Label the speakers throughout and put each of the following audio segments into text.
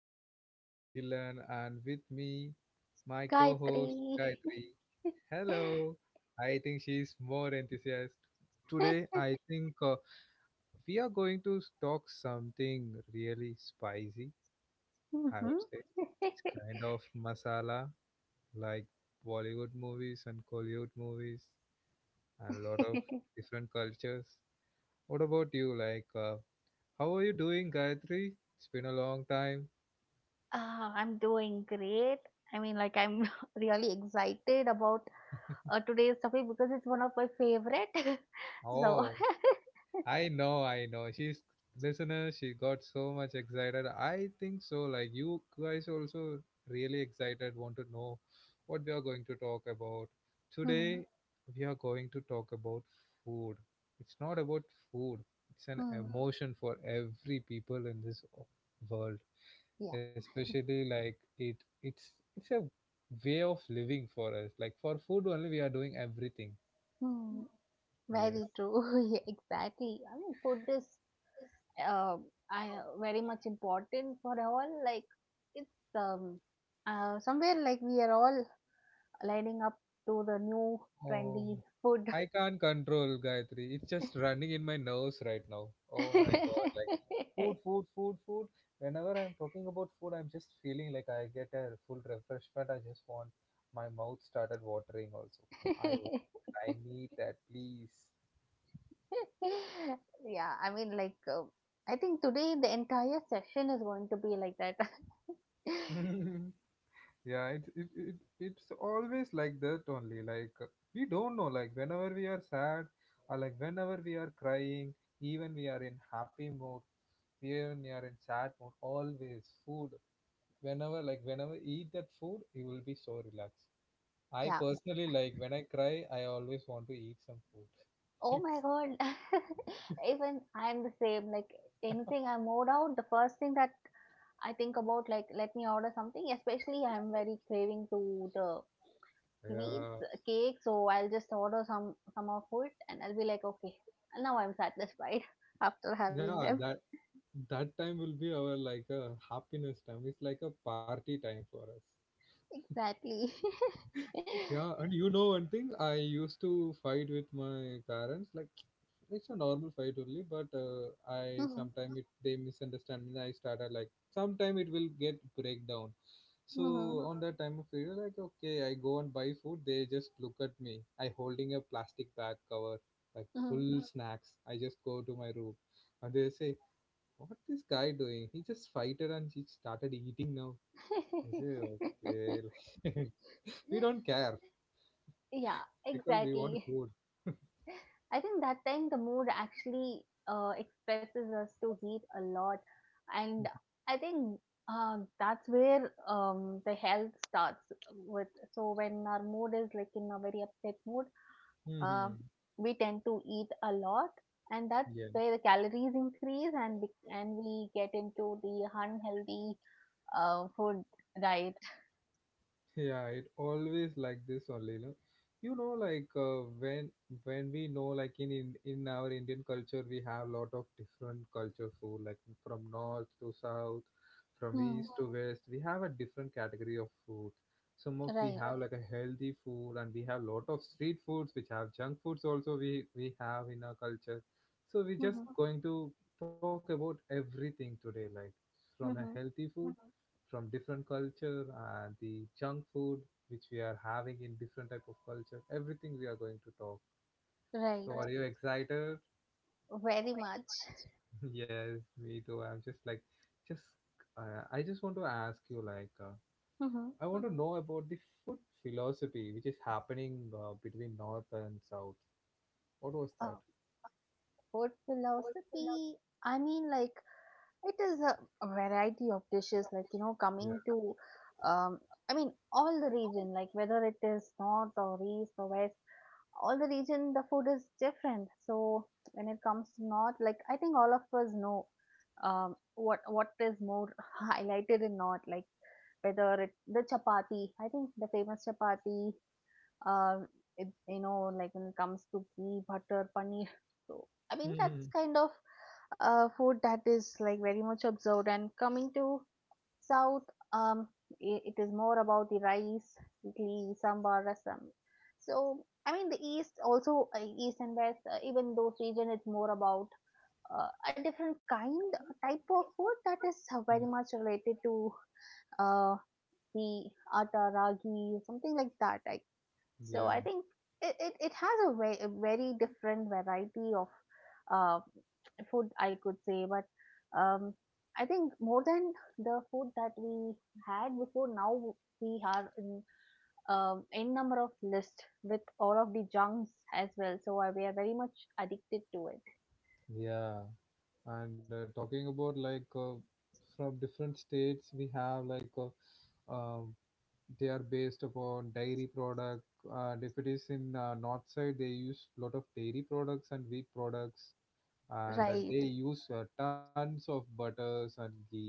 Speaker 1: With You Agilan and with me, my
Speaker 2: Gayatri.
Speaker 1: co-host Gayatri. Hello. I think she's more enthusiastic. Today I think we are going to talk something really spicy. I
Speaker 2: Mm-hmm.
Speaker 1: would say it's kind of masala like Bollywood movies and Kollywood movies and a lot of different cultures. What about you? Like, how are you doing, Gayatri? It's been a long time.
Speaker 2: Ah, I'm doing great. I'm really excited about today's topic because it's one of my favorite. so,
Speaker 1: Oh, I know, I know. She's listener, she got so much excited. I think so. Like you guys also really excited, want to know what we are going to talk about.
Speaker 2: hmm
Speaker 1: Today we are going to talk about food. It's not about food, it's an
Speaker 2: hmm
Speaker 1: emotion for every people in this world.
Speaker 2: Yeah.
Speaker 1: Especially like it's it's a way of living for us. Like for food only we are doing everything.
Speaker 2: hmm,
Speaker 1: Yes.
Speaker 2: very true. yeah, exactly. I mean, food is uh, very much important for all. Like, it's um, somewhere like we are all lining up to the new trendy
Speaker 1: Um,
Speaker 2: food.
Speaker 1: I can't control Gayatri. It's just running in my nerves right now. Oh my God. Like food, food, food, food. Whenever I'm talking about food, I'm just feeling like I get a full refreshment. I just want my mouth started watering also. I want, I need that, please.
Speaker 2: yeah, I think today the entire session is going to be like that.
Speaker 1: Yeah, it's always like that only. Like we don't know. Like whenever we are sad, or like whenever we are crying, even we are in happy mood, even we are in sad mood. Always food. Whenever eat that food, you will be so relaxed. I
Speaker 2: yeah.
Speaker 1: personally like when I cry, I always want to eat some food.
Speaker 2: Oh my
Speaker 1: Next.
Speaker 2: god. Even I'm the same. Like, anything I mode out, the first thing that I think about, like, let me order something. Especially, I'm very craving to the sweets,
Speaker 1: Yeah,
Speaker 2: cake. So I'll just order some of it, and I'll be like, okay, now I'm satisfied after having
Speaker 1: yeah.
Speaker 2: them.
Speaker 1: That time will be our like a happiness time. It's like a party time for us.
Speaker 2: Exactly.
Speaker 1: Yeah, and you know one thing, I used to fight with my parents. Like it's a normal fight only, but I
Speaker 2: Mhm.
Speaker 1: sometimes it they misunderstand me. I started like sometime it will get breakdown. So
Speaker 2: Mhm.
Speaker 1: on that time of period, like okay, I go and buy food. They just look at me. I holding a plastic bag cover like
Speaker 2: Mhm.
Speaker 1: full snacks. I just go to my room, and they say, "What this guy doing? He just fighted and he started eating now." I say, "Okay, we don't care."
Speaker 2: yeah,
Speaker 1: because we want
Speaker 2: exactly.
Speaker 1: food.
Speaker 2: I think that time the mood actually expresses us to heat a lot, and I think that's where the health starts with. So when our mood is like in a very upset mood, uh,
Speaker 1: hmm
Speaker 2: we tend to eat a lot, and that's
Speaker 1: Yeah.
Speaker 2: where the calories increase, and we get into the unhealthy food diet.
Speaker 1: Yeah, it always like this only, no? You know, like when we know, like in our Indian culture, we have lot of different culture food, like from north to south, from
Speaker 2: Hmm.
Speaker 1: east to west. We have a different category of food. Some of we
Speaker 2: Right.
Speaker 1: have like a healthy food, and we have lot of street foods, which have junk foods also. We have in our culture, so we're just going to talk about everything today, like from a
Speaker 2: hmm
Speaker 1: healthy food from different culture and the junk food which we are having in different type of culture everything we are going to talk
Speaker 2: Right,
Speaker 1: so are you Correct. Excited
Speaker 2: very much.
Speaker 1: yes me too I'm just like just I just want to ask you like
Speaker 2: Hmm
Speaker 1: I want to know about the food philosophy which is happening between north and south what was
Speaker 2: Uh,
Speaker 1: that
Speaker 2: food philosophy, I mean, like, it is a variety of dishes, like, you know,
Speaker 1: yeah
Speaker 2: um, I mean, all the region, like, whether it is north or east or west, all the region, the food is different. So, when it comes to north, like, I think all of us know, what is more highlighted in north, like, whether it the chapati, I think the famous chapati, uh, you know, like when it comes to ghee, butter, paneer. So, I mean, that's
Speaker 1: Mhm.
Speaker 2: kind of food that is like very much observed. And coming to South, um, I it is more about the rice, idli, sambar, rasam. So, I mean, the East also, East and West, even those region, it's more about uh, a different kind, type of food that is very much related to uh, the atta, ragi, something like that. I so I
Speaker 1: yeah
Speaker 2: think it has a, a very different variety of uh, food, I could say. But um, I think more than the food that we had before, now we are in n number of list with all of the junks as well. So we are very much addicted to it.
Speaker 1: yeah and talking about like from different states we have like they are based upon dairy product and if it is in north side they use lot of dairy products and wheat products and
Speaker 2: Right,
Speaker 1: they use tons of butters and ghee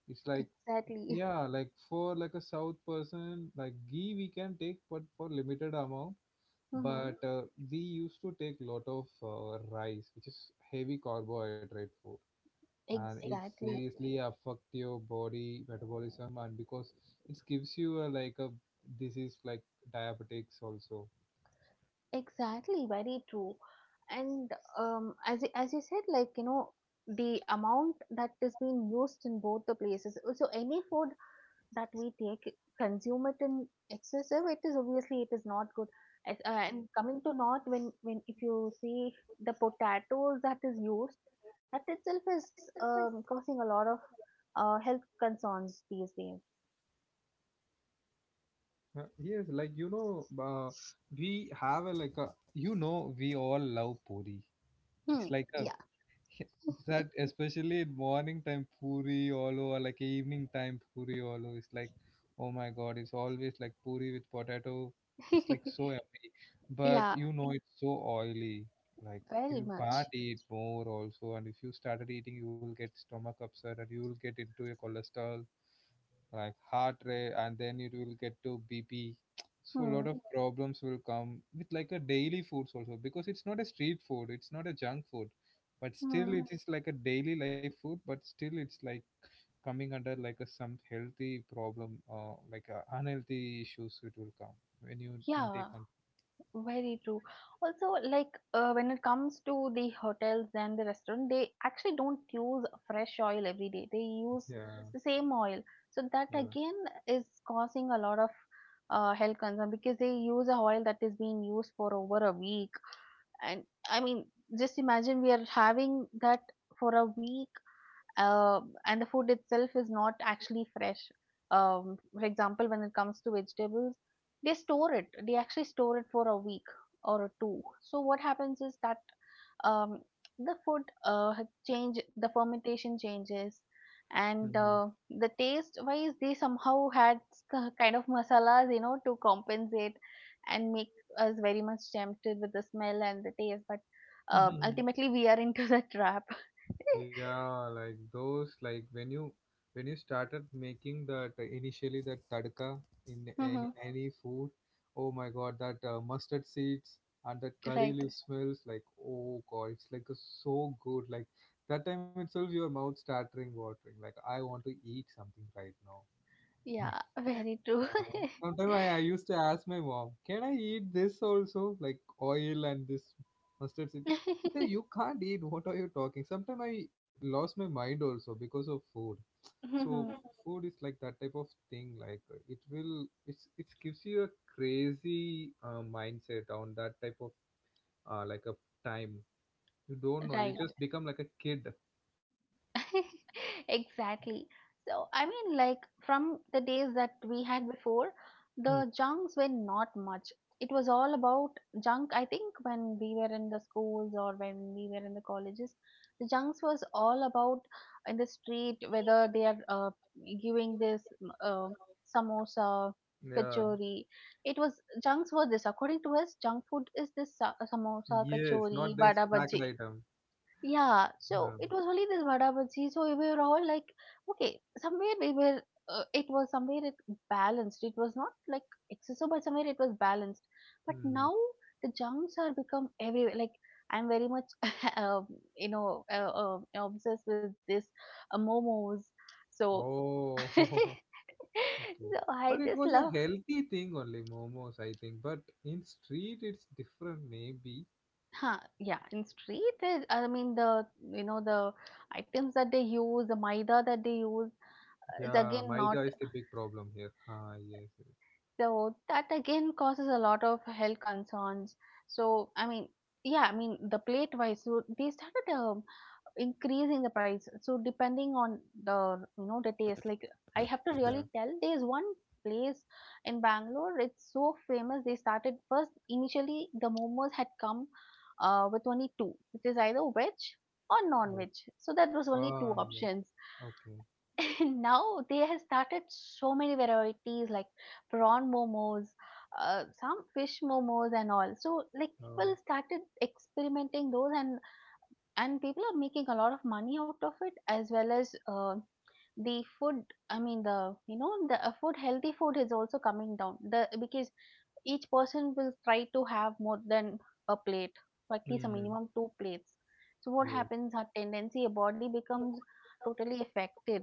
Speaker 1: it's like
Speaker 2: exactly.
Speaker 1: yeah like for like a south person like ghee we can take but for limited amount
Speaker 2: hmm
Speaker 1: but we used to take lot of rice which is heavy carbohydrate food and it
Speaker 2: Exactly.
Speaker 1: seriously affect your body metabolism and because it gives you a, like a disease like diabetics also
Speaker 2: Exactly, very true. And as you said, like you know, the amount that is being used in both the places. So any food that we take, consume it in excessive, it is obviously it is not good. And coming to north, when if you see the potatoes that is used, that itself is causing a lot of health concerns these days.
Speaker 1: Uh, yes like you know we have a like a you know we all love puri
Speaker 2: Hmm.
Speaker 1: it's like a that especially in morning time puri all over like evening time puri all over It's like oh my god it's always like puri with potato
Speaker 2: Yeah.
Speaker 1: it's like so yummy but
Speaker 2: yeah.
Speaker 1: you know it's so oily like
Speaker 2: Very
Speaker 1: you can't
Speaker 2: much.
Speaker 1: eat more also and if you started eating you will get stomach upset and you will get into a cholesterol like heart rate and then it will get to bp so a
Speaker 2: Hmm.
Speaker 1: lot of problems will come with like a daily foods also because it's not a street food it's not a junk food but still
Speaker 2: Hmm.
Speaker 1: it is like a daily life food but still it's like coming under like a some healthy problem like a unhealthy issues it will come when you intake
Speaker 2: Yeah.
Speaker 1: on
Speaker 2: Very true. Also, like when it comes to the hotels and the restaurant, they actually don't use fresh oil every day. They use
Speaker 1: yeah
Speaker 2: the same oil. So that
Speaker 1: yeah
Speaker 2: again is causing a lot of health concern because they use a oil that is being used for over a week. And I mean, just imagine we are having that for a week and the food itself is not actually fresh. For example, when it comes to vegetables, they store it. They actually store it for a week or a two. So what happens is that um, the food had change, the fermentation changes, and
Speaker 1: Mhm.
Speaker 2: the taste wise, they somehow had kind of masalas, you know, to compensate and make us very much tempted with the smell and the taste. But ultimately, we are into the trap.
Speaker 1: Yeah, like those, like when you started making that initially that tadka in any any food, oh my God, that mustard seeds and that curry
Speaker 2: Right.
Speaker 1: leaf smells like oh God, it's like a, so good. Like that time itself, your mouth starting watering. Like I want to eat something right now.
Speaker 2: Yeah, very true.
Speaker 1: Uh, sometimes I used to ask my mom, "Can I eat this also, like oil and this mustard seed?" She said, "You can't eat. What are you talking?" Sometimes I lost my mind also because of food. So food is like that type of thing. Like it will, it's it gives you a crazy mindset on that type of like a time. You don't know. You
Speaker 2: right.
Speaker 1: just become like a kid.
Speaker 2: exactly. So, I mean, like from the days that we had before,
Speaker 1: Hmm.
Speaker 2: the junks were not much. It was all about junk. I think when we were in the schools or when we were in the colleges, the junks was all about in the street whether they are giving this mm, uh, samosa,
Speaker 1: Yeah.
Speaker 2: kachori. It was junks were this. According to us, junk food is this samosa,
Speaker 1: Yes.
Speaker 2: kachori,
Speaker 1: Not
Speaker 2: bada
Speaker 1: this
Speaker 2: bhaji.
Speaker 1: packed item.
Speaker 2: Yeah, so it
Speaker 1: Um,
Speaker 2: was only this vada bhaji. So we were all like, okay, somewhere we were, it was somewhere it balanced. It was not like excessive, but somewhere it was balanced. But now
Speaker 1: hmm.
Speaker 2: the junks are become everywhere. Like I'm very much, um, obsessed with this momos. So, so
Speaker 1: Oh. Okay. But
Speaker 2: I
Speaker 1: it
Speaker 2: just
Speaker 1: was a
Speaker 2: love,
Speaker 1: healthy thing only, momos, I think. But in street, it's different, maybe.
Speaker 2: huh? Yeah, in street, you know, the items that they use, the maida that they use it's
Speaker 1: Yeah,
Speaker 2: again
Speaker 1: maida
Speaker 2: not
Speaker 1: is the big problem here. Ah, yes, yes.
Speaker 2: So that again causes a lot of health concerns. So I mean, yeah, I mean the plate wise, so they started increasing the price. So depending on the you know the taste, like I have to
Speaker 1: Yeah.
Speaker 2: really tell, there is one place in Bangalore. It's so famous. They started first initially the momos had come with only two, which is either veg or non-veg.
Speaker 1: Oh,
Speaker 2: So that was only two
Speaker 1: ah, yeah.
Speaker 2: options.
Speaker 1: Okay.
Speaker 2: Now they have started so many varieties like prawn momos, some fish momos and all. So like people
Speaker 1: Oh,
Speaker 2: started experimenting those and people are making a lot of money out of it as well as the food I mean the you know the food healthy food is also coming down the because each person will try to have more than a plate, so at least a minimum
Speaker 1: hmm.
Speaker 2: two plates. So what
Speaker 1: Yes.
Speaker 2: happens, our tendency, a body becomes totally affected.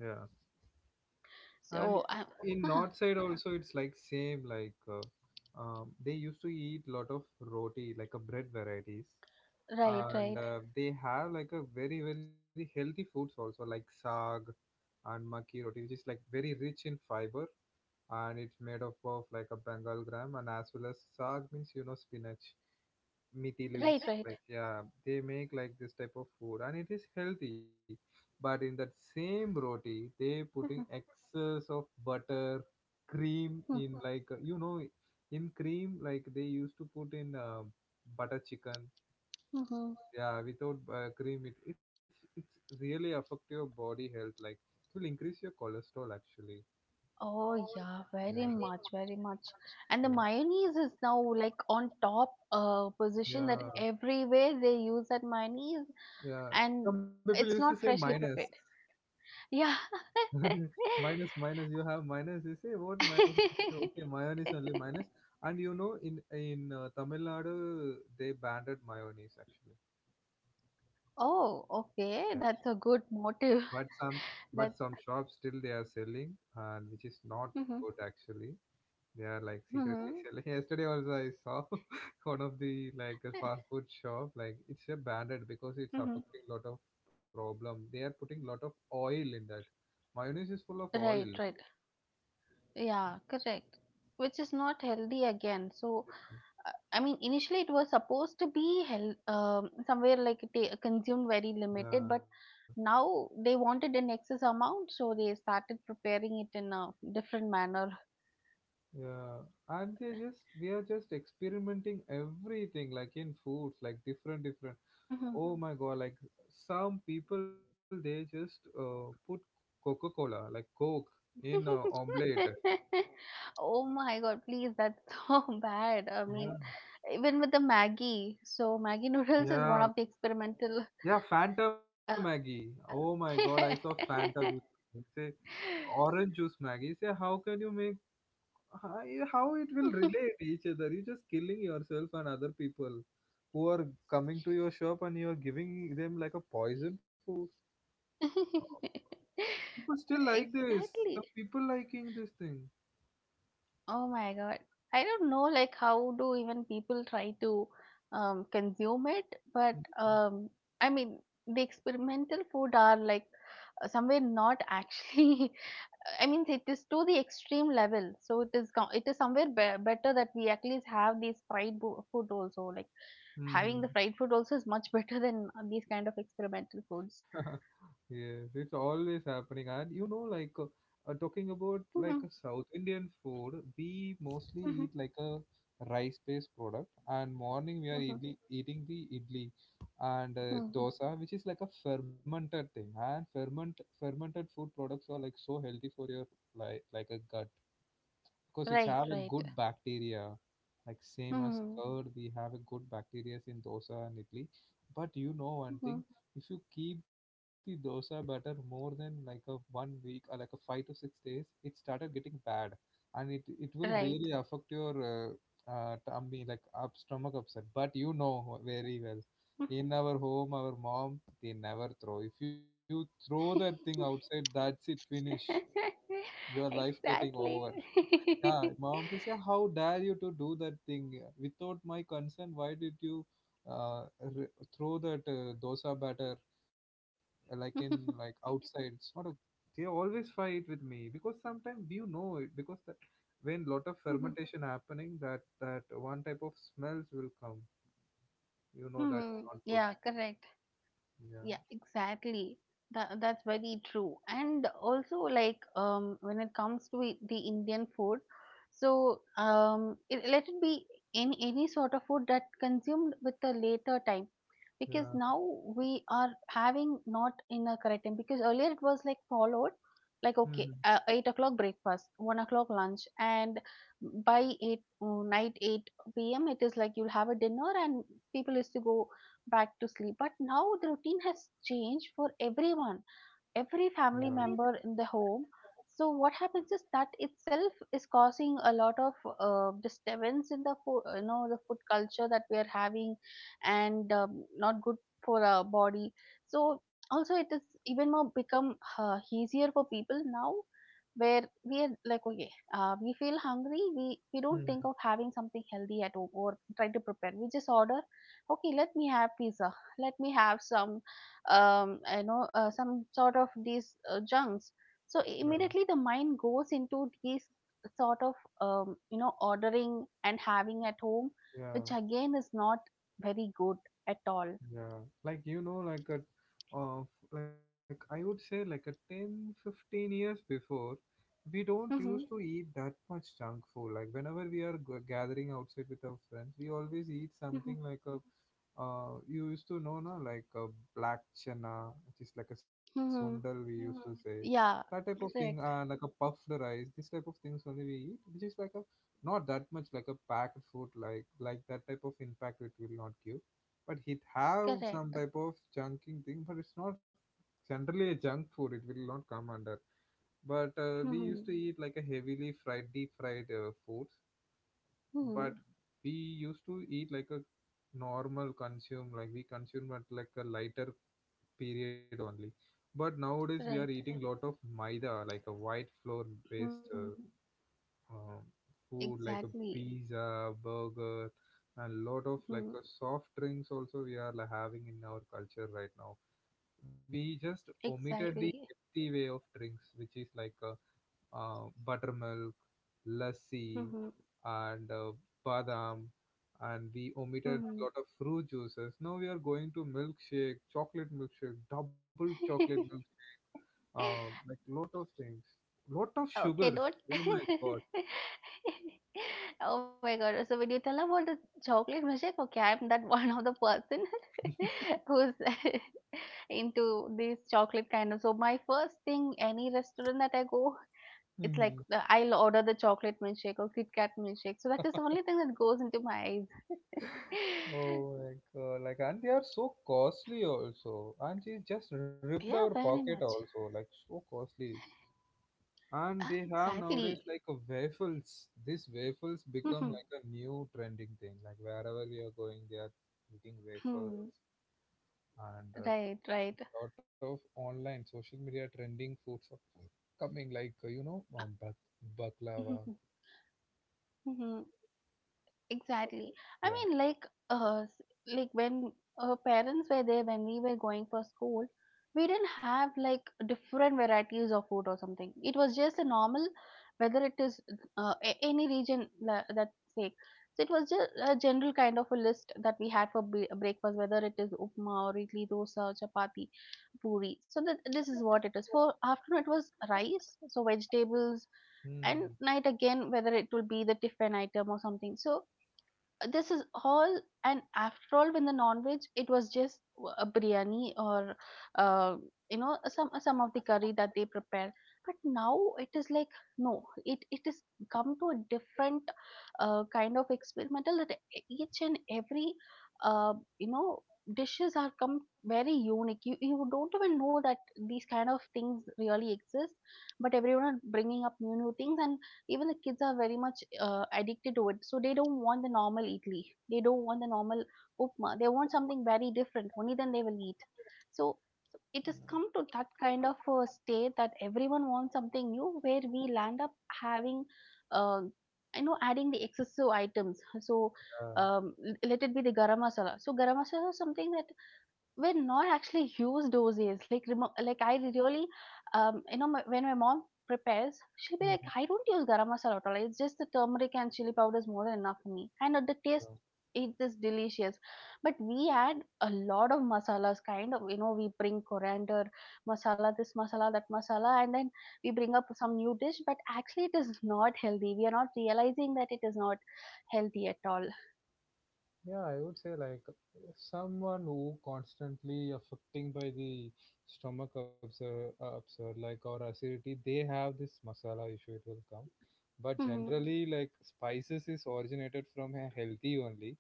Speaker 1: Yeah. And
Speaker 2: So, I
Speaker 1: in north side also, it's like same like they used to eat lot of roti, like a bread varieties,
Speaker 2: right,
Speaker 1: and
Speaker 2: right,
Speaker 1: they have like a very very healthy foods also, like saag and maki roti, which is like very rich in fiber and it's made up of like a Bengal gram and as well as saag means you know spinach, meaty leaves.
Speaker 2: right, right.
Speaker 1: Like yeah, they make like this type of food and it is healthy. But in that same roti, they putting
Speaker 2: Mhm,
Speaker 1: excess of butter, cream
Speaker 2: mhm,
Speaker 1: in like you know in cream like they used to put in butter chicken
Speaker 2: mhm.
Speaker 1: yeah, without cream, it's really affect your body health. Like it will increase your cholesterol actually.
Speaker 2: Oh yeah, very
Speaker 1: Yeah,
Speaker 2: much, very much. And the
Speaker 1: yeah,
Speaker 2: mayonnaise is now like on top position that
Speaker 1: yeah,
Speaker 2: everywhere they use that mayonnaise,
Speaker 1: yeah.
Speaker 2: and
Speaker 1: Some people used to
Speaker 2: it's
Speaker 1: say
Speaker 2: not
Speaker 1: minus,
Speaker 2: freshly prepared. Yeah.
Speaker 1: minus, minus. You have minus. You say what minus? You say, okay, mayonnaise only minus. And you know, in Tamil Nadu, they banned mayonnaise actually.
Speaker 2: Oh,
Speaker 1: Yeah,
Speaker 2: okay. That's a good motive.
Speaker 1: but some but
Speaker 2: That.
Speaker 1: some shops still they are selling, and which is not
Speaker 2: Mm-hmm.
Speaker 1: good actually. They are like secretly selling. Yesterday also I saw one of the like a
Speaker 2: Mm-hmm.
Speaker 1: fast food shop. Like it's a banded because it's
Speaker 2: Mm-hmm.
Speaker 1: affecting lot of problem. They are putting lot of oil in that. Mayonnaise is full of
Speaker 2: Right,
Speaker 1: oil.
Speaker 2: right. Yeah, correct. Which is not healthy again. So, I mean, initially it was supposed to be somewhere like consumed very limited,
Speaker 1: Yeah,
Speaker 2: but now they wanted an excess amount, so they started preparing it in a different manner.
Speaker 1: yeah. And they just we are just experimenting everything like in foods, like different, different.
Speaker 2: Mhm.
Speaker 1: Oh my God! Like some people they just put Coca Cola, like Coke, in omelette.
Speaker 2: Oh my God, please, that's so bad. I mean,
Speaker 1: Yeah.
Speaker 2: even with the Maggie, so Maggie noodles is one
Speaker 1: Yeah,
Speaker 2: of the experimental.
Speaker 1: Yeah, Fanta
Speaker 2: Uh,
Speaker 1: Maggie. Oh my god, I saw Fanta juice. It's a orange juice Maggie. Say, how can you make how how it will relate each other? You're just killing yourself and other people who are coming to your shop and you're giving them like a poison food. People still like this.
Speaker 2: Exactly.
Speaker 1: Some people liking this thing.
Speaker 2: Oh my God. I don't know like how do even people try to consume it, but I mean the experimental food are like somewhere not actually I mean it is to the extreme level. So it it is somewhere better that we at least have these fried food also like having the
Speaker 1: Mm-hmm.
Speaker 2: fried food also is much better than these kind of experimental foods.
Speaker 1: Yes, it's always happening. And you know, like talking about like
Speaker 2: Hmm
Speaker 1: a South Indian food, we mostly
Speaker 2: hmm
Speaker 1: eat like a rice-based product. And morning we are
Speaker 2: hmm
Speaker 1: idli, eating the idli and
Speaker 2: hmm
Speaker 1: dosa, which is like a fermented thing. And fermented food products are like so healthy for your like a gut course it's
Speaker 2: Right,
Speaker 1: have a
Speaker 2: right.
Speaker 1: good bacteria like same as
Speaker 2: Mm,
Speaker 1: curd we have a good bacteria in dosa and idli but you know one thing
Speaker 2: mhm,
Speaker 1: if you keep the dosa batter more than like a one week or like a 5 to 6 days it started getting bad and it will
Speaker 2: Right.
Speaker 1: really affect your tummy like up stomach upset but you know very well in our home our mom they never throw if you throw that thing outside that's it finish your life getting
Speaker 2: Exactly.
Speaker 1: over yeah, mom says, "Yeah, how dare you to do that thing without my consent? Why did you throw that dosa batter like in like outside? It's not a. They always fight with me because sometimes you know it because that when lot of fermentation happening, that one type of smells will come. You know that's
Speaker 2: Mhm,
Speaker 1: not good.
Speaker 2: Yeah, correct.
Speaker 1: Yeah,
Speaker 2: Yeah, exactly. That's very true. And also, like, when it comes to the Indian food, so let it be any sort of food that consumed with a later time, because
Speaker 1: yeah,
Speaker 2: now we are having not in a correct time. Because earlier it was like followed, like
Speaker 1: hmm
Speaker 2: okay, 8 o'clock breakfast, 1 o'clock lunch, and by 8 p.m. it is like you'll have a dinner, and people used to go back to sleep. But now the routine has changed for everyone
Speaker 1: yeah,
Speaker 2: every family member in the home. So what happens is that itself is causing a lot of disturbance in the food, you know, the food culture that we are having, and not good for our body. So also it is even more become easier for people now where we are like okay we feel hungry, we don't think of
Speaker 1: hmm
Speaker 2: having something healthy at home or try to prepare, we just order okay let me have pizza, let me have some I know some sort of these junks. So
Speaker 1: yeah,
Speaker 2: immediately the mind goes into these sort of you know ordering and having at home, which
Speaker 1: yeah.
Speaker 2: again is not very good at all.
Speaker 1: Yeah, uh, like I would say, like a 10, 15 years before, we don't used
Speaker 2: Mm-hmm.
Speaker 1: to eat that much junk food. Like whenever we are gathering outside with our friends, we always eat
Speaker 2: Mm-hmm.
Speaker 1: something like a you used to know, na, like black chana, which is like a sundal we
Speaker 2: hmm
Speaker 1: used to say. That type
Speaker 2: Yeah,
Speaker 1: of thing, and
Speaker 2: Correct.
Speaker 1: like a puffed rice, this type of things only we eat, which is like a not that much like a packed food, like that type of impact it will not give. But it have some
Speaker 2: Correct.
Speaker 1: type of junking thing, but it's not generally a junk food. It will not come under. But we used to
Speaker 2: Hmm
Speaker 1: eat like a heavily fried, deep fried food, but
Speaker 2: hmm
Speaker 1: we used to eat like a normal consume, like we consume at like a lighter period only. But nowadays we are
Speaker 2: Right.
Speaker 1: eating lot of maida, like a white flour based
Speaker 2: hmm
Speaker 1: um, food, like a
Speaker 2: Exactly.
Speaker 1: pizza burger, and lot of
Speaker 2: hmm
Speaker 1: like a soft drinks also we are, like, having in our culture right now. We just omitted the
Speaker 2: Exactly.
Speaker 1: healthy way of drinks, which is like a buttermilk, lassi,
Speaker 2: hmm
Speaker 1: and badam, and we omitted a lot
Speaker 2: hmm
Speaker 1: of fruit juices. Now we are going to milkshake, chocolate milkshake, double chocolate milk, like lot of things, lot of
Speaker 2: Oh, Okay,
Speaker 1: sugars.
Speaker 2: don't.
Speaker 1: Oh my god.
Speaker 2: Oh my God. So when you tell about the chocolate milkshake, okay, I'm that one of the person who's into these chocolate kind of. So my first thing, any restaurant that I go, it's like
Speaker 1: hmm
Speaker 2: I'll order the chocolate milkshake or Kit Kat milkshake. So that is the only thing that goes into my eyes.
Speaker 1: Oh my god, like, and they are so costly also, and she just ripped our
Speaker 2: Yeah, very
Speaker 1: pocket
Speaker 2: much.
Speaker 1: also, like, so costly. And
Speaker 2: Ah,
Speaker 1: they have
Speaker 2: exactly.
Speaker 1: nowadays, like, a waffles. These waffles become like a new trending thing, like wherever we are going they are eating waffles. And a
Speaker 2: Right, right.
Speaker 1: lot of online social media trending foods are coming, like baklava,
Speaker 2: Mhm, Exactly.
Speaker 1: baklava
Speaker 2: I
Speaker 1: yeah.
Speaker 2: mean, like, uh, s- like when parents were there when we were going for school, we didn't have like different varieties of food or something. It was just a normal, whether it is any that sake. So it was just a general kind of a list that we had for breakfast, whether it is upma or idli, dosa, chapati, puri. So that this is what it is. For afternoon, it was rice, so vegetables, and
Speaker 1: Hmm.
Speaker 2: night again, whether it will be the tiffin item or something. So this is all, and after all when the non-veg, it was just a biryani or uh, you know, some of the curry that they prepare. But now it is like, no it it is come to a different kind of experimental, that each and every you know, dishes are come very unique. You don't even know that these kind of things really exist, but everyone are bringing up new things. And even the kids are very much addicted to it, so they don't want the normal idli, they don't want the normal upma, they want something very different, only then they will eat. So it has come to
Speaker 1: Yeah.
Speaker 2: that kind of a state that everyone wants something new, where we land up having uh, I know, adding the excessive items. So let it be the garam masala. So garam masala is something that were not actually used those days. Like, like I really, when my mom prepares, she'll be like,
Speaker 1: Yeah.
Speaker 2: I don't use garam masala at all. It's just the turmeric and chili powder is more than enough for me. And at the taste,
Speaker 1: Hmm.
Speaker 2: it is delicious. But we add a lot of masalas, kind of, you know, we bring coriander, masala, this masala, that masala, and then we bring up some new dish. But actually, it is not healthy. We are not realizing that it is not healthy at all.
Speaker 1: Yeah, I would say, like, someone who constantly affecting by the stomach upset, like, or acidity, they have this masala issue. It will come, but
Speaker 2: Hmm.
Speaker 1: generally like spices is originated from a healthy only,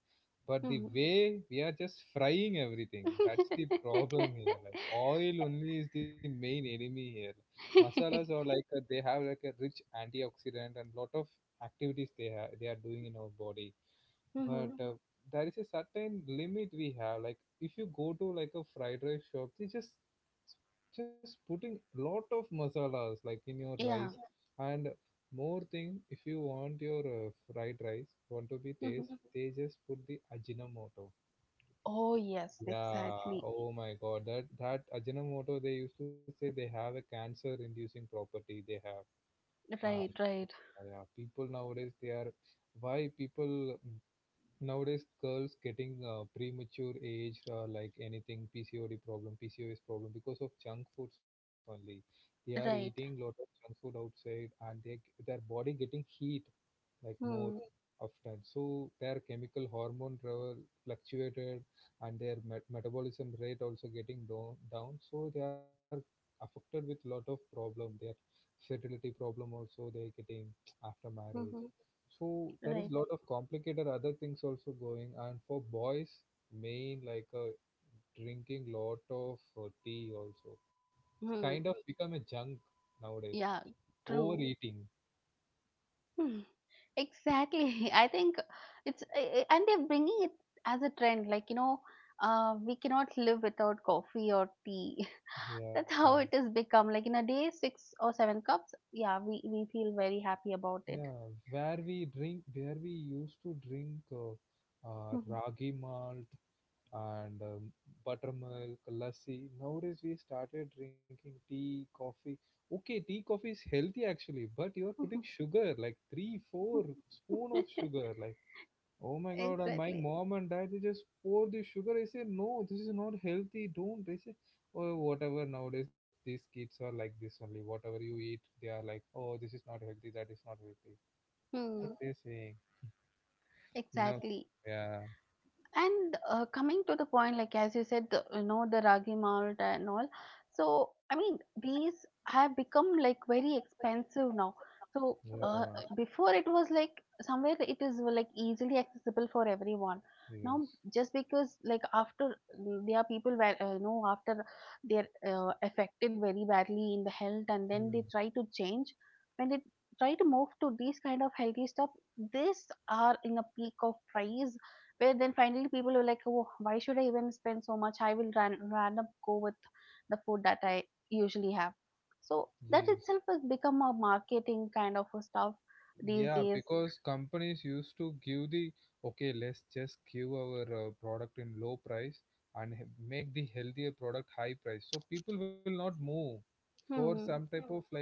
Speaker 1: but the way we are just frying everything, that's the problem here. Like oil only is the main enemy here. Masalas
Speaker 2: Hmm.
Speaker 1: are like they have like a rich antioxidant and lot of activities they are doing in our body. But
Speaker 2: Mm-hmm.
Speaker 1: there is a certain limit we have, like, if you go to like a fried rice shop, they just putting lot of masalas, like in your
Speaker 2: Yeah.
Speaker 1: rice. And more thing, if you want your fried rice want to be
Speaker 2: Mm-hmm.
Speaker 1: taste, they just put the ajinomoto.
Speaker 2: Oh, yes,
Speaker 1: Yeah.
Speaker 2: exactly.
Speaker 1: Oh my god, that ajinomoto they used to say they have a cancer inducing property they have.
Speaker 2: Right,
Speaker 1: And
Speaker 2: right,
Speaker 1: yeah, people nowadays they are, why people, nowadays, girls getting premature age, like, anything, PCOD problem, PCOS problem, because of junk foods only. They are eating lot
Speaker 2: right.
Speaker 1: of junk food outside, and they their body getting heat, like, more
Speaker 2: Hmm.
Speaker 1: often. So their chemical hormone level fluctuated, and their metabolism rate also getting down, so they are affected with lot of problem. Their fertility problem also they getting after marriage.
Speaker 2: Mm-hmm.
Speaker 1: So there is
Speaker 2: Right.
Speaker 1: lot of complicated other things also going. And for boys, main like drinking lot of tea also. It's kind
Speaker 2: Hmm.
Speaker 1: of become a junk nowadays.
Speaker 2: Yeah, true.
Speaker 1: Overeating.
Speaker 2: Hmm. Exactly. I think it's, and they're bringing it as a trend. Like, you know, we cannot live without coffee or tea.
Speaker 1: Yeah.
Speaker 2: That's how it has become. Like, in a day, six or seven cups. Yeah, we feel very happy about it.
Speaker 1: Yeah, where we used to drink ragi malt, and buttermilk, lassi. Nowadays we started drinking tea, coffee. Okay, tea, coffee is healthy actually, but you are putting
Speaker 2: Mm-hmm.
Speaker 1: sugar, like, three, four spoon of sugar. Like, oh my God, and my
Speaker 2: Exactly.
Speaker 1: mom and dad they just pour the sugar. I say no, this is not healthy. Don't. They say, oh, whatever. Nowadays these kids are like this only. Whatever you eat, they are like, oh, this is not healthy. That is not healthy. It
Speaker 2: Hmm.
Speaker 1: is a, you know,
Speaker 2: Exactly.
Speaker 1: yeah,
Speaker 2: And coming to the point, like as you said, you know, the ragi malt and all. So, I mean, these have become like very expensive now. So,
Speaker 1: yeah,
Speaker 2: before it was like somewhere it is like easily accessible for everyone. Now,
Speaker 1: yes,
Speaker 2: just because like after there are people where you know, after they're affected very badly in the health,
Speaker 1: mm,
Speaker 2: and then they try to change when they try to move to these kind of healthy stuff. These are in a peak of price, where then finally people were like, oh, why should I even spend so much? I will ran up, go with the food that I usually have. So that
Speaker 1: yes.
Speaker 2: itself has become a marketing kind of a stuff these
Speaker 1: Yeah,
Speaker 2: days.
Speaker 1: because companies used to give the okay, let's just give our product in low price, and make the healthier product high price. So people will not move for some
Speaker 2: Hmm.
Speaker 1: type of like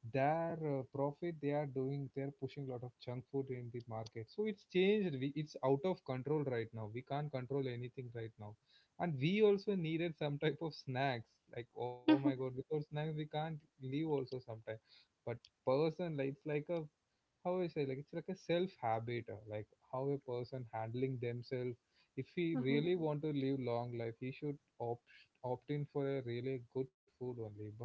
Speaker 1: their profit they are doing. They're pushing a lot of junk food in the market, so it's changed. We, it's out of control right now. We can't control anything right now. And we also needed some type of snacks, like, oh my god, without snacks we can't live also sometimes. But person, like, it's like a, how I say, like, it's like a self habit, like, how a person handling themselves. If he really want to live long life, he should opt in for a really good food only. But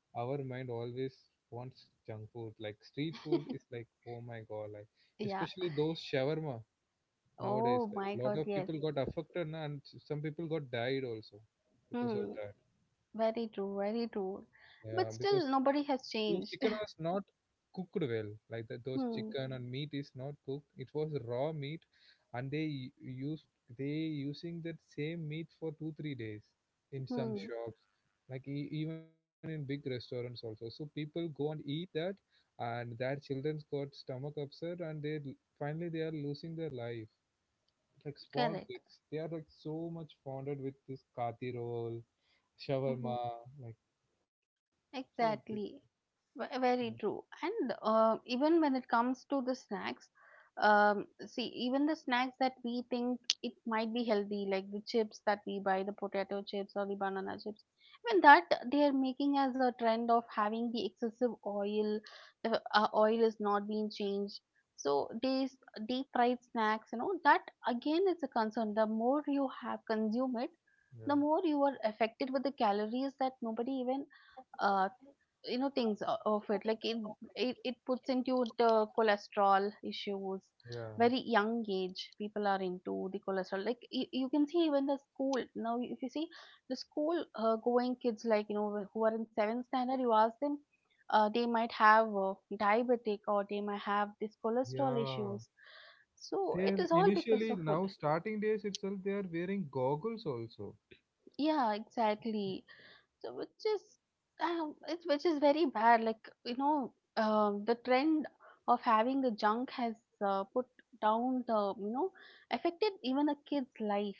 Speaker 1: our mind always wants junk food. Like street food is like, oh my god, like,
Speaker 2: Yeah.
Speaker 1: especially those shawarma nowadays.
Speaker 2: Oh
Speaker 1: Like
Speaker 2: my
Speaker 1: lot
Speaker 2: God.
Speaker 1: of
Speaker 2: Yes.
Speaker 1: people got affected, na, and some people got died also because of
Speaker 2: Hmm.
Speaker 1: that.
Speaker 2: Very true. Very true.
Speaker 1: Yeah, because
Speaker 2: But still, nobody has
Speaker 1: those chicken
Speaker 2: changed.
Speaker 1: was not cooked well. Like that, those
Speaker 2: Hmm.
Speaker 1: chicken and meat is not cooked, it was raw meat. And they u- used they using that same meat for 2 3 days in some
Speaker 2: Hmm.
Speaker 1: shops, like, even in big restaurants also. So people go and eat that, and their children's got stomach upset, and finally they are losing their life. Like small
Speaker 2: Correct.
Speaker 1: kids, they are, like, so much fondled with this kati roll,
Speaker 2: Hmm.
Speaker 1: shawarma, like so big.
Speaker 2: Exactly.
Speaker 1: Yeah,
Speaker 2: Very true. And even when it comes to the snacks, see, even the snacks that we think it might be healthy, like the chips that we buy, the potato chips or the banana chips, even that they are making as a trend of having the excessive oil. The oil is not being changed. So these deep fried snacks, you know, that again is a concern. The more you have consume it, the
Speaker 1: yeah,
Speaker 2: more you are affected with the calories, that nobody even uh, you know, of it. Like it puts into the cholesterol issues.
Speaker 1: yeah,
Speaker 2: Very young age people are into the cholesterol. Like you can see, even the school now, if you see the school going kids, like you know, who are in seventh standard, you ask them, they might have diabetic or they might have this cholesterol
Speaker 1: yeah.
Speaker 2: issues. So it
Speaker 1: They're
Speaker 2: is all because
Speaker 1: initially
Speaker 2: of food.
Speaker 1: now starting days itself they are wearing goggles also.
Speaker 2: Yeah, exactly. So which is, it's which is very bad. Like you know, the trend of having the junk has put down the, you know, affected even the kid's life.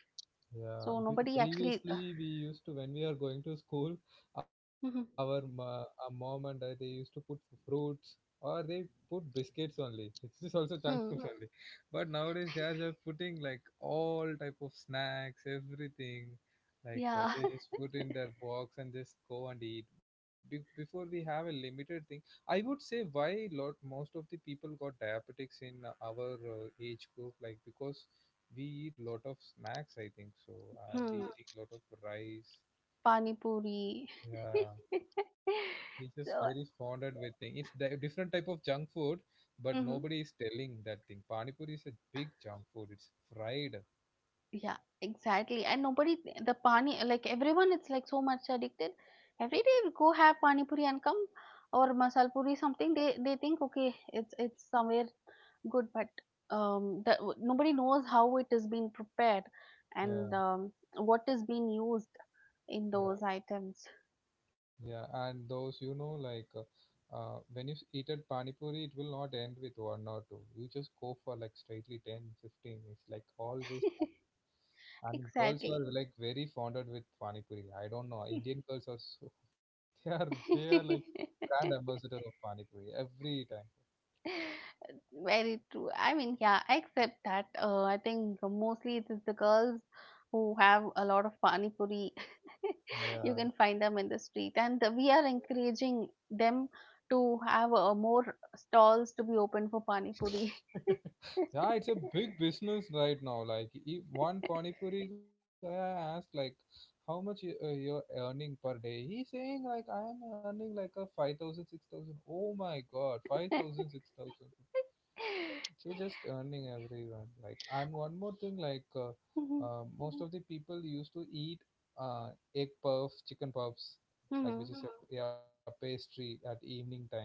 Speaker 2: So
Speaker 1: Yeah,
Speaker 2: nobody actually.
Speaker 1: previously we used to, when we are going to school, our
Speaker 2: Hmm.
Speaker 1: ma- our mom and dad they used to put fruits, or they put biscuits only. It's is also junk
Speaker 2: Hmm.
Speaker 1: foods only. But nowadays they are just putting, like, all type of snacks, everything. Like
Speaker 2: Yeah.
Speaker 1: they just put in their box and just go and eat. Before, we have a limited thing. I would say why lot most of the people got diabetics in our age group, like, because we eat lot of snacks, I think so. And we
Speaker 2: Hmm.
Speaker 1: eating lot of rice.
Speaker 2: Pani puri.
Speaker 1: Yeah, he's just very
Speaker 2: So.
Speaker 1: fonded with thing. It's different type of junk food, but
Speaker 2: Mhm.
Speaker 1: nobody is telling that thing. Pani puri is a big junk food. It's fried.
Speaker 2: Yeah, exactly. And nobody, the pani, like everyone, it's like so much addicted. Every day we go have pani puri and come, or masal puri, something. They think okay, it's somewhere good, but nobody knows how it is being prepared and
Speaker 1: Yeah,
Speaker 2: what is being used in
Speaker 1: yeah,
Speaker 2: those items.
Speaker 1: yeah. And those, you know, like. When you eat at Pani Puri, it will not end with one or two. You just go for, like, straightly 10, 15. It's like always. And girls are,
Speaker 2: Exactly.
Speaker 1: like, very fonded with Pani Puri. I don't know, Indian girls are so, they are like brand ambassador of Pani Puri every time.
Speaker 2: Very true. I mean, yeah, I accept that. I think mostly it is the girls who have a lot of pani puri. You
Speaker 1: Yeah.
Speaker 2: can find them in the street, and we are encouraging them to have more stalls to be open for pani puri.
Speaker 1: Yeah, it's a big business right now. Like, one Pani Puri guy I asked, like, how much you're earning per day. He's saying like I am earning like a 5,000, 6,000. Oh my God, five thousand, 6,000. You're just earning everyone. Like, and one more thing, like,
Speaker 2: Mhm,
Speaker 1: most of the people used to eat uh, egg puffs, chicken puffs,
Speaker 2: mhm.
Speaker 1: like which is a, yeah, pastry at evening time.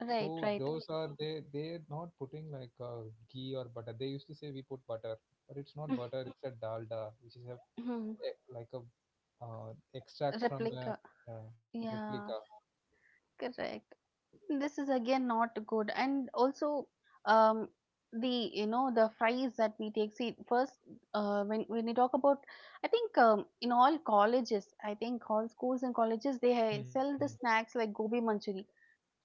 Speaker 2: Right, right.
Speaker 1: those are, they're not putting like ghee or butter. They used to say we put butter, but it's not butter. It's a dalda, which is a
Speaker 2: Mhm.
Speaker 1: e- like a extract from the
Speaker 2: Replica.
Speaker 1: replica.
Speaker 2: Yeah, correct. This is again not good, and also, um, the, you know, the fries that we take. See first, when you talk about, I think, in all colleges, I think all schools and colleges, they
Speaker 1: Mhm.
Speaker 2: sell the snacks like gobi manchuri,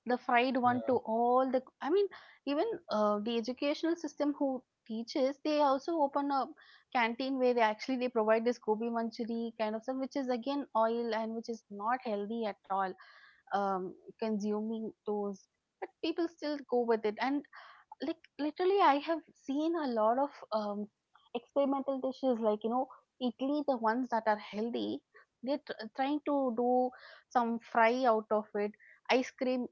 Speaker 2: the fried
Speaker 1: Yeah,
Speaker 2: one, to all the, I mean, even the educational system who teaches, they also open a canteen, where they actually they provide this gobi manchuri kind of stuff, which is again oil and which is not healthy at all, um, consuming those. But people still go with it. And like literally I have seen a lot of, experimental dishes, like you know, Italy, the ones that are healthy, they're trying to do some fry out of it, ice cream,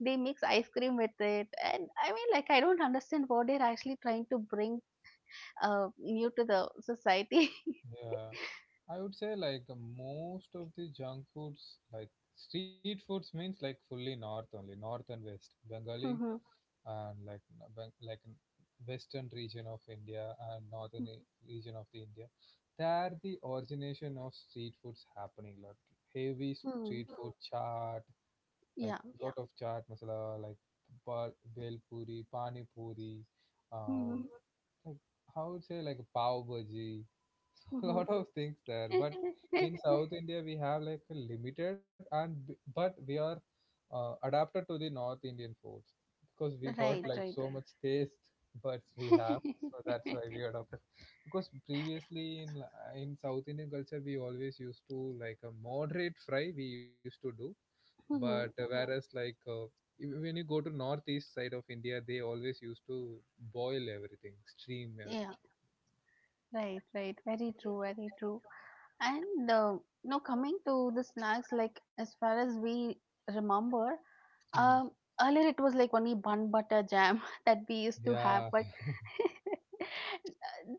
Speaker 2: they mix ice cream with it. And I mean, like, I don't understand what they're actually trying to bring new to the society.
Speaker 1: yeah. I would say like most of the junk foods, like street foods, means like fully north only, north and west, Bengali,
Speaker 2: Mhm.
Speaker 1: and western region of India and northern region of the India. There the origination of street foods happening, like heavy street
Speaker 2: Mhm.
Speaker 1: food, chaat, like,
Speaker 2: Yeah.
Speaker 1: yeah, lot of chaat masala, like, bel puri, pani puri, um,
Speaker 2: Mhm.
Speaker 1: like, how would say, like, pav bhaji, so a lot
Speaker 2: Mhm.
Speaker 1: of things there. But in South India, we have like a limited, and but we are adapted to the North Indian foods because we got
Speaker 2: Right,
Speaker 1: like
Speaker 2: right.
Speaker 1: so much taste buds we have, so that's why we adopted. Because previously in South Indian culture, we always used to, like, a moderate fry we used to do. But
Speaker 2: Mhm.
Speaker 1: whereas, like, when you go to northeast side of India, they always used to boil everything, steam
Speaker 2: Yeah,
Speaker 1: everything.
Speaker 2: right, right. Very true, very true. And now coming to the snacks, like as far as we remember,
Speaker 1: Hmm,
Speaker 2: um, earlier it was like only bun butter jam that we used to have,
Speaker 1: yeah,
Speaker 2: but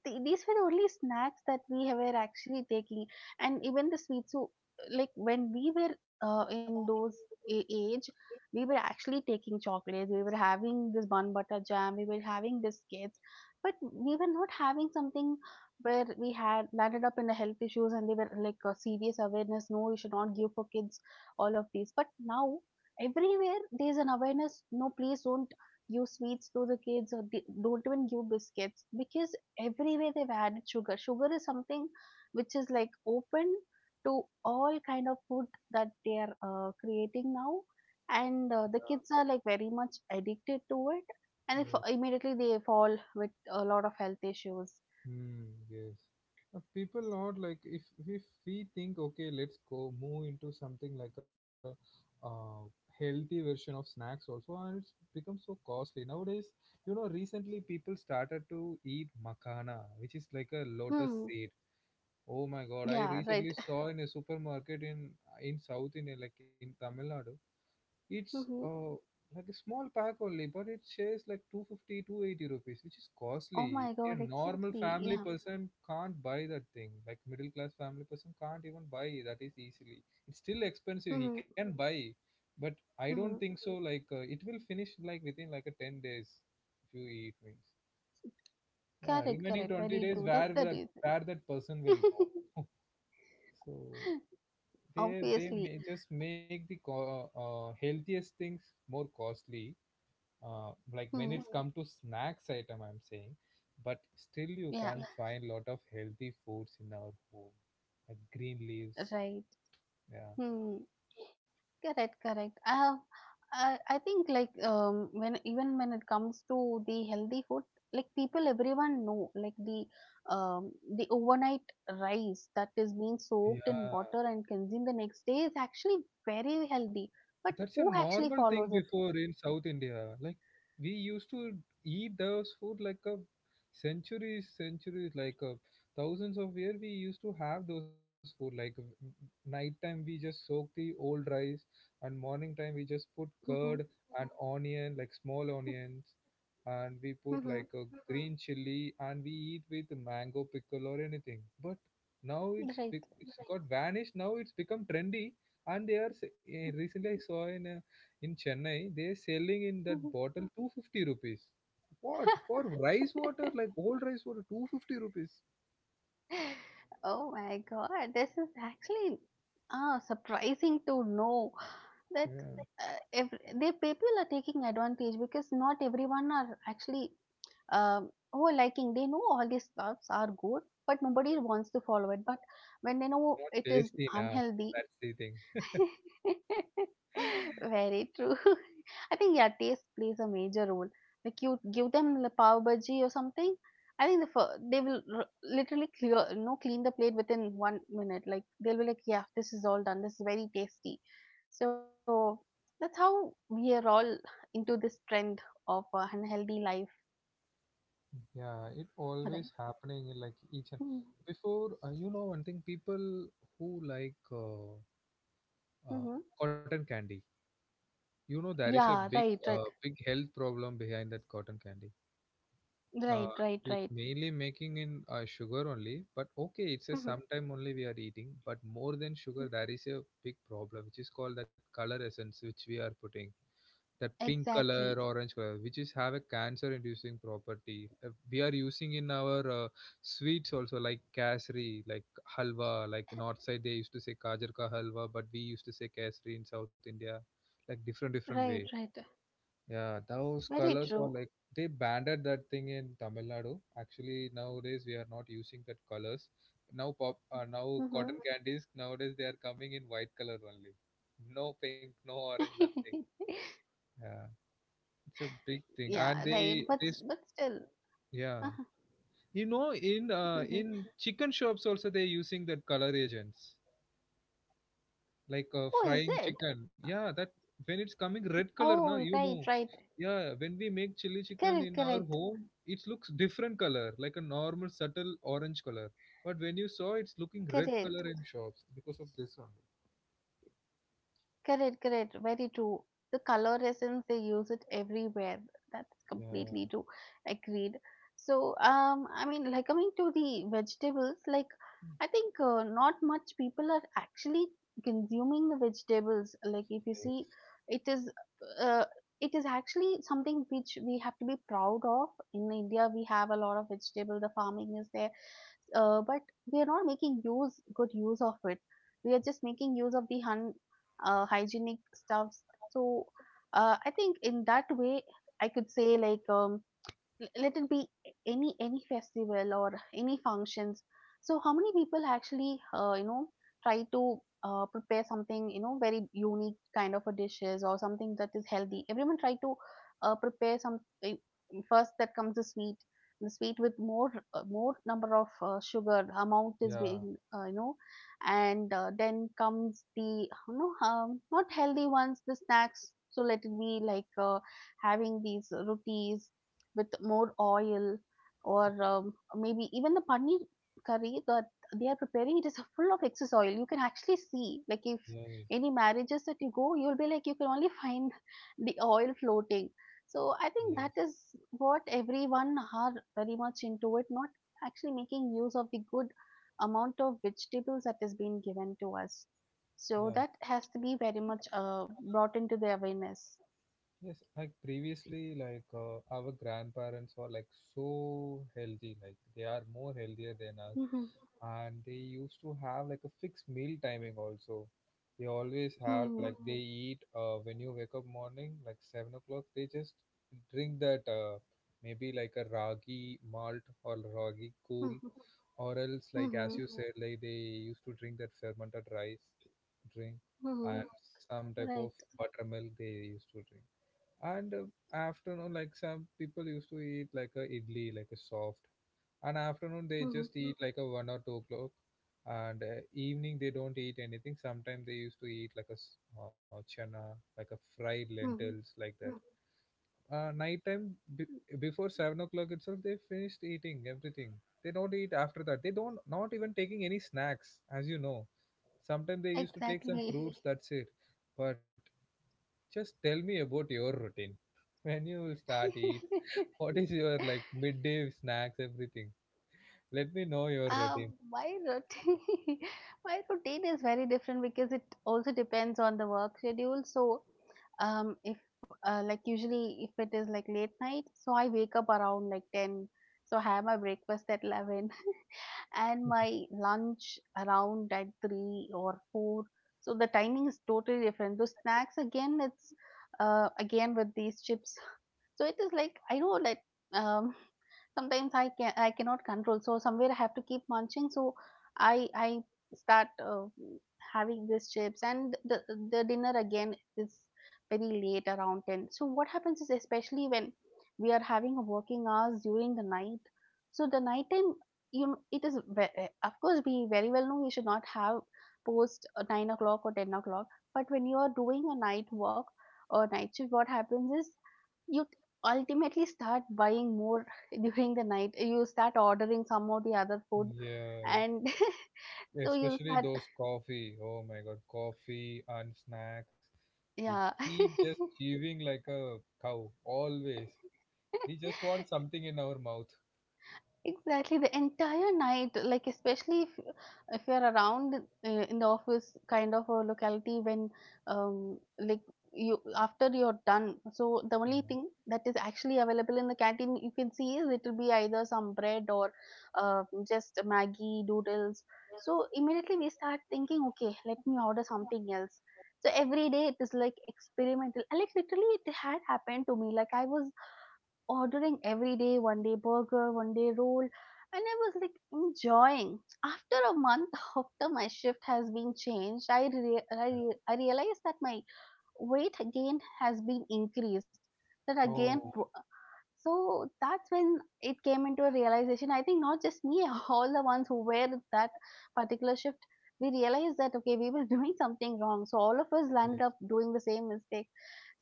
Speaker 2: these were the only snacks that we were actually taking, and even the sweets. So, like when we were in those age, we were actually taking chocolates. We were having this bun butter jam. We were having biscuits, but we were not having something where we had landed up in the health issues, and they were like a serious awareness, no, you should not give for kids all of these. But now everywhere there's an awareness, no, please don't give sweets to the kids, or don't even give biscuits, because everywhere they've added sugar. Sugar is something which is like open to all kind of food that they are creating now. And the kids are like very much addicted to it, and if,
Speaker 1: yeah.
Speaker 2: immediately they fall with a lot of health issues.
Speaker 1: Hmm, yes. People are like, if we think, okay, let's go move into something, like, a uh, healthy version of snacks also, and it's become so costly nowadays. You know, recently people started to eat makana, which is like a lotus
Speaker 2: Hmm.
Speaker 1: seed. Oh my god, I
Speaker 2: Yeah,
Speaker 1: recently
Speaker 2: right.
Speaker 1: saw in a supermarket in South India, like, in Tamil Nadu. It's
Speaker 2: Mhm.
Speaker 1: like a small pack only, but it says like 250, 280 rupees, which is
Speaker 2: Oh
Speaker 1: costly.
Speaker 2: my
Speaker 1: A
Speaker 2: God,
Speaker 1: normal
Speaker 2: exactly.
Speaker 1: family
Speaker 2: Yeah.
Speaker 1: person can't buy that thing. Like middle class family person can't even buy that is easily. It's still expensive. He
Speaker 2: Mhm.
Speaker 1: can buy, but I don't
Speaker 2: Mhm.
Speaker 1: think so. Like it will finish like within like a 10 days if you eat means. Yeah,
Speaker 2: Correct,
Speaker 1: remaining
Speaker 2: correct.
Speaker 1: 20
Speaker 2: Very
Speaker 1: days
Speaker 2: true. That's the reason.
Speaker 1: where that person will go. So they
Speaker 2: Obviously.
Speaker 1: may just make the healthiest things more costly, like when
Speaker 2: Hmm.
Speaker 1: it's come to snacks item I'm saying. But still you
Speaker 2: Yeah,
Speaker 1: can find lot of healthy foods in our home like green leaves,
Speaker 2: right.
Speaker 1: yeah.
Speaker 2: Hmm. Correct, correct. I have, I think like, um, when even when it comes to the healthy food, like people, everyone know like the, um, the overnight rice that is being soaked in
Speaker 1: Yeah,
Speaker 2: water and consumed the next day is actually very healthy. But
Speaker 1: that's a
Speaker 2: who
Speaker 1: normal
Speaker 2: actually
Speaker 1: thing
Speaker 2: follows
Speaker 1: before in South India. Like we used to eat those food like a centuries, like a thousands of years. We used to have those food. Like night time we just soak the old rice, and morning time we just put
Speaker 2: it?
Speaker 1: curd and onion, like small onions, and we put
Speaker 2: Mhm.
Speaker 1: like a green chili, and we eat with mango pickle or anything. But now
Speaker 2: Right.
Speaker 1: it's got vanished. Now it's become trendy, and they are s- eh, recently I saw in Chennai they are selling in that
Speaker 2: Mhm.
Speaker 1: bottle 250 rupees. What for? Rice water, like old rice water, 250 rupees.
Speaker 2: Oh my God, this is actually, ah, surprising to know that
Speaker 1: Yeah.
Speaker 2: if the people are taking advantage, because not everyone are actually, who are liking. They know all these stuffs are good, but nobody
Speaker 1: Yeah,
Speaker 2: wants to follow it. But when they know
Speaker 1: it's
Speaker 2: it
Speaker 1: not
Speaker 2: is
Speaker 1: tasty nah,
Speaker 2: unhealthy,
Speaker 1: that's the thing.
Speaker 2: very true. I think yeah, taste plays a major role. Like you give them the pav bhaji or something, I think the they will literally clear, you know, clean the plate within 1 minute. Like they'll be like, yeah, this is all done. This is very tasty. So that's how we are all into this trend of unhealthy life,
Speaker 1: Yeah, it always
Speaker 2: right?
Speaker 1: happening in, like each and before, you know, one thing people who like uh,
Speaker 2: Mm-hmm.
Speaker 1: cotton candy, you know there is a
Speaker 2: Yeah,
Speaker 1: big,
Speaker 2: right, right,
Speaker 1: big health problem behind that cotton candy. Uh,
Speaker 2: right, right,
Speaker 1: it's
Speaker 2: right.
Speaker 1: mainly making in sugar only, but okay, it's a
Speaker 2: Mm-hmm.
Speaker 1: sometime only we are eating, but more than sugar, there is a big problem which is called that color essence which we are putting. That pink color, orange
Speaker 2: Exactly.
Speaker 1: color, which is have a cancer-inducing property. We are using in our sweets also, like kasri, like halwa. Like north side, they used to say gajar ka halwa, but we used to say kasri in South India, like different different way.
Speaker 2: Right, right.
Speaker 1: Yeah, those colors were
Speaker 2: Very
Speaker 1: like they
Speaker 2: true.
Speaker 1: banded that thing in Tamil Nadu. Actually, nowadays we are not using that colors. Now now cotton
Speaker 2: Mm-hmm.
Speaker 1: candies nowadays they are coming in white color only. No pink, no orange, nothing. Yeah, it's a big thing,
Speaker 2: Yeah,
Speaker 1: and
Speaker 2: right.
Speaker 1: they
Speaker 2: But
Speaker 1: this
Speaker 2: but still,
Speaker 1: Yeah. You know, in chicken shops also they're using that color agents. Like
Speaker 2: oh, is
Speaker 1: frying
Speaker 2: it?
Speaker 1: chicken. Yeah, that when it's coming red color, na,
Speaker 2: Oh,
Speaker 1: you
Speaker 2: right,
Speaker 1: know.
Speaker 2: right.
Speaker 1: Yeah, when we make chili chicken
Speaker 2: Correct,
Speaker 1: in our
Speaker 2: correct,
Speaker 1: home, it looks different color, like a normal subtle orange color. But when you saw, it's looking red
Speaker 2: correct.
Speaker 1: color in shops because of this one.
Speaker 2: Correct, correct. Very true. The color essence they use it everywhere. That's
Speaker 1: Yeah,
Speaker 2: completely true. Agreed. So, I mean, like coming to the vegetables, like I think not much people are actually consuming the vegetables. Like if you see,
Speaker 1: yes,
Speaker 2: it is, uh, it is actually something which we have to be proud of. In India, we have a lot of vegetable. The farming is there, but we are not making use good use of it. We are just making use of the hygienic stuffs. So I think in that way I could say like, let it be any festival or any functions. So how many people actually try to prepare something, very unique kind of a dishes or something that is healthy. Everyone try to prepare some. First that comes the sweet. The sweet with more number of sugar amount is
Speaker 1: yeah,
Speaker 2: being, and then comes the, not healthy ones, the snacks. So let it be like, having these rotis with more oil, or maybe even the paneer curry that they are preparing. It is full of excess oil. You can actually see, like, if
Speaker 1: yes,
Speaker 2: any marriages that you go, you'll be like you can only find the oil floating. So I think that
Speaker 1: yes,
Speaker 2: is what everyone are very much into it, not actually making use of the good amount of vegetables that is being given to us. So
Speaker 1: yeah.
Speaker 2: that has to be very much brought into the awareness.
Speaker 1: Yes, like previously, like our grandparents were like so healthy, like they are more healthier than us, and they used to have like a fixed meal timing also. They always have like they eat when you wake up morning, like 7 o'clock. They just drink that maybe like a ragi malt or ragi cool, or else like as you said, like they used to drink that fermented rice drink,
Speaker 2: Mhm.
Speaker 1: and some type of
Speaker 2: Right.
Speaker 1: buttermilk they used to drink. And afternoon like some people used to eat like a idli like a soft, and afternoon they
Speaker 2: Mhm.
Speaker 1: just eat like a 1 or 2 o'clock. And evening they don't eat anything, sometimes they used to eat like a chana, like a fried
Speaker 2: Mhm.
Speaker 1: lentils like that. Uh, nighttime, before 7 o'clock itself they finished eating everything, they don't eat after that, they don't not even taking any snacks, as you know, sometimes they used to take some
Speaker 2: Exactly.
Speaker 1: fruits, that's it. But just tell me about your routine. When you will start eating? What is your like midday snacks, everything? Let me know your routine.
Speaker 2: My routine, my routine is very different because it also depends on the work schedule. So, if like usually if it is like late night, so I wake up around like 10. So I have my breakfast at 11 and my lunch around at 3 or 4. So the timing is totally different. The snacks again, it's again with these chips. So it is like I know that um sometimes I cannot control, so somewhere I have to keep munching. So I start having these chips. And the dinner again is very late around 10. So what happens is, especially when we are having a working hours during the night, so the night time, you know, it is of course we very well know we should not have post 9 o'clock or 10 o'clock. But when you are doing a night work or night shift, what happens is you t- ultimately start buying more. During the night, you start ordering some of the other food,
Speaker 1: Yeah,
Speaker 2: and so you'll
Speaker 1: especially
Speaker 2: start.
Speaker 1: those coffee. Oh my God, coffee and snacks. We
Speaker 2: Yeah.
Speaker 1: keep just chewing like a cow, always. We just want something in our mouth.
Speaker 2: Exactly, the entire night, like, especially if you're around, in the office kind of a locality, when like you, after you're done. So the only
Speaker 1: Yeah.
Speaker 2: thing that is actually available in the canteen you can see is it will be either some bread or uh, just Maggie noodles. So immediately we start thinking, okay, let me order something else. So every day it is like experimental. And like literally it had happened to me. Like I was ordering every day, one day burger, one day roll, and I was like enjoying. After a month, after my shift has been changed, I realized that my weight again has been increased. That
Speaker 1: Yeah.
Speaker 2: again,
Speaker 1: Oh,
Speaker 2: po- so that's when it came into a realization. I think not just me, all the ones who were that particular shift, we realized that okay, we were doing something wrong. So all of us
Speaker 1: yes.
Speaker 2: landed up doing the same mistake.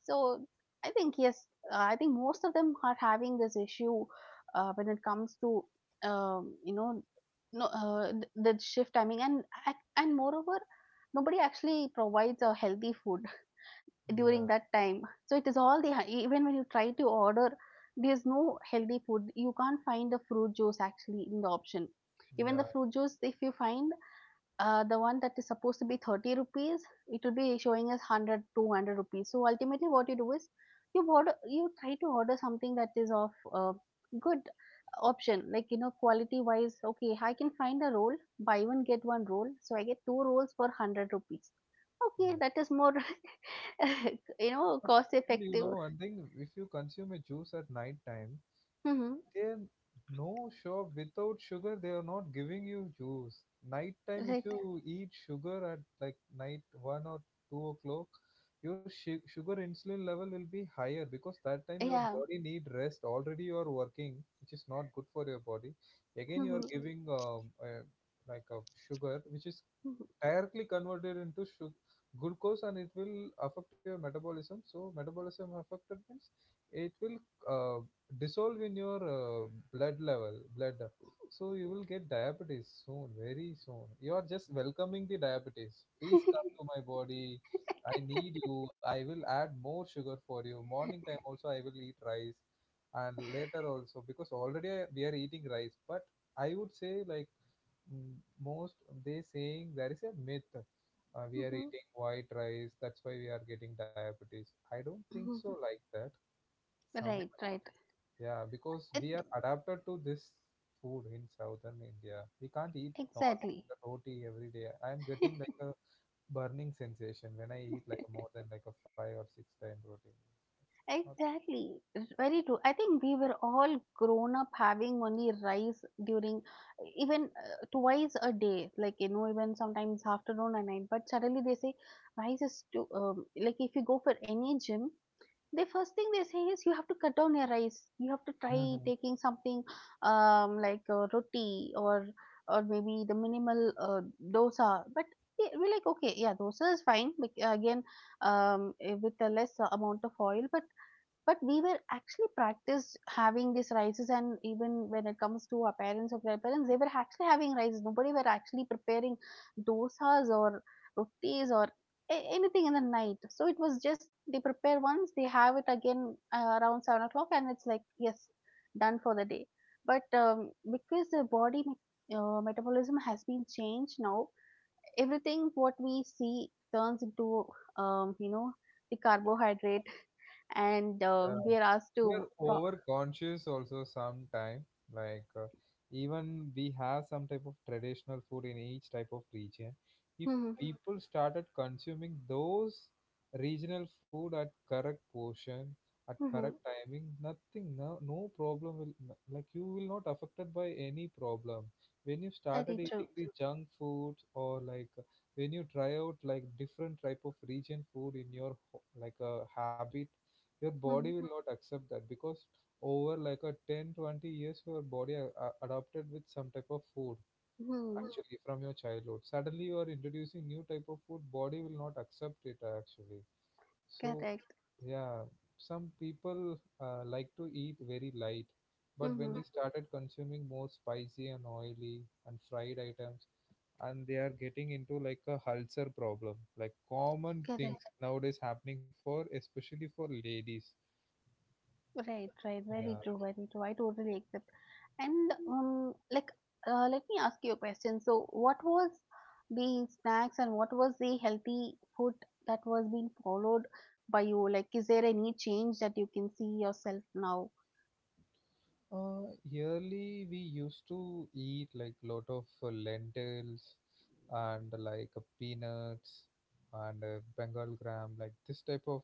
Speaker 2: So I think, yes, I think most of them are having this issue when it comes to, you know no th- the shift timing and and moreover, nobody actually provides a healthy food
Speaker 1: Yeah,
Speaker 2: during that time. So it is all the, even when you try to order, there's no healthy food. You can't find the fruit juice actually in the option. Even the
Speaker 1: yeah,
Speaker 2: fruit juice, if you find the one that is supposed to be 30 rupees, it will be showing as 100, 200 rupees. So ultimately, what you do is you order, you try to order something that is of good option, like, you know, quality wise. Okay, I can find a roll, buy one get one roll, so I get two rolls for 100 rupees. Okay,
Speaker 1: yes.
Speaker 2: that is more, you
Speaker 1: But
Speaker 2: know, cost
Speaker 1: still, you know,
Speaker 2: effective.
Speaker 1: one thing, if you consume a juice at night time,
Speaker 2: Hmm.
Speaker 1: there no shop without sugar. They are not giving you juice. Night time, if
Speaker 2: Right.
Speaker 1: you eat sugar at like night 1 or 2 o'clock, your sugar insulin level will be higher because that time your
Speaker 2: Yeah.
Speaker 1: body need rest, already you are working, which is not good for your body. Again you
Speaker 2: Hmm.
Speaker 1: are giving like a sugar which is
Speaker 2: Hmm.
Speaker 1: directly converted into sugar glucose, and it will affect your metabolism. So metabolism affected means it will, uh, dissolve in your blood level blood, so you will get diabetes soon, very soon. You are just welcoming the diabetes, please come to my body, I need you. I will add more sugar for you. Morning time also I will eat rice, and later also, because already we are eating rice. But I would say like, mm, most, they saying there is a myth. We are eating white rice, that's why we are getting diabetes. I don't think
Speaker 2: Hmm.
Speaker 1: so like that. Some,
Speaker 2: Right. Right.
Speaker 1: yeah, because
Speaker 2: It,
Speaker 1: we are adapted to this food in southern India. We can't eat north
Speaker 2: exactly.
Speaker 1: roti every day. I am getting like a burning sensation when I eat like more than like a five or six time protein. It's not.
Speaker 2: Exactly. It's very true. I think we were all grown up having only rice during, even twice a day, like, you know, even sometimes afternoon and night. But suddenly they say rice is too, like if you go for any gym, the first thing they say is you have to cut down your rice. You have to try
Speaker 1: Mhm.
Speaker 2: taking something, like roti, or maybe the minimal dosa. But we're like, okay, yeah, dosa is fine. But again, with a less amount of oil. But we were actually practiced having these rices, and even when it comes to our parents or grandparents, they were actually having rice. Nobody were actually preparing dosas or rotis or anything in the night. So it was just they prepare once, they have it again around 7 o'clock, and it's like, yes, done for the day. But because the body metabolism has been changed now, everything what we see turns into, um, you know the carbohydrate. And
Speaker 1: Yeah,
Speaker 2: we are asked to.
Speaker 1: they're overconscious also sometime. Like even we have some type of traditional food in each type of region. If
Speaker 2: Mhm,
Speaker 1: people started consuming those regional food at correct portion, at
Speaker 2: mhm,
Speaker 1: correct timing, nothing, no problem will like you will not affected by any problem. When you started
Speaker 2: very
Speaker 1: eating
Speaker 2: true.
Speaker 1: the junk food, or like when you try out like different type of region food in your like a habit, your
Speaker 2: Mhm,
Speaker 1: body will not accept that because over like a 10, 20 years your body adopted with some type of food
Speaker 2: mhm,
Speaker 1: actually from your childhood. Suddenly you are introducing new type of food, body will not accept it actually. So
Speaker 2: correct.
Speaker 1: yeah, some people like to eat very light, but when they
Speaker 2: Mhm,
Speaker 1: started consuming more spicy and oily and fried items, and they are getting into like a ulcer problem, like common things
Speaker 2: correct.
Speaker 1: nowadays happening for especially for ladies.
Speaker 2: Right, right.
Speaker 1: Yeah.
Speaker 2: Very true. Very true. I totally accept. And like, let me ask you a question. So, what was the snacks and what was the healthy food that was being followed by you? Like, is there any change that you can see yourself now?
Speaker 1: Yearly we used to eat like lot of lentils, and like peanuts, and Bengal gram, like this type of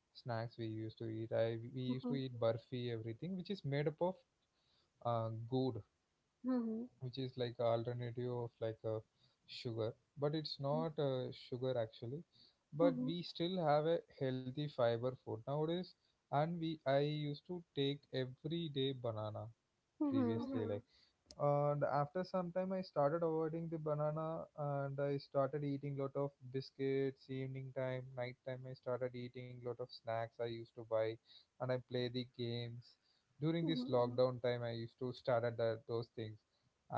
Speaker 1: snacks we used to eat. I We used to
Speaker 2: Mhm,
Speaker 1: eat burfi everything which is made up of good,
Speaker 2: mhm,
Speaker 1: which is like a alternative of like a sugar, but it's
Speaker 2: mhm,
Speaker 1: not sugar actually. But
Speaker 2: mhm,
Speaker 1: we still have a healthy fiber food nowadays, and we I used to take every day banana
Speaker 2: mhm.
Speaker 1: previously like. And after some time I started avoiding the banana, and I started eating lot of biscuits evening time, night time. I started eating lot of snacks I used to buy, and I play the games during this
Speaker 2: Mhm.
Speaker 1: lockdown time. I used to start at that, those things,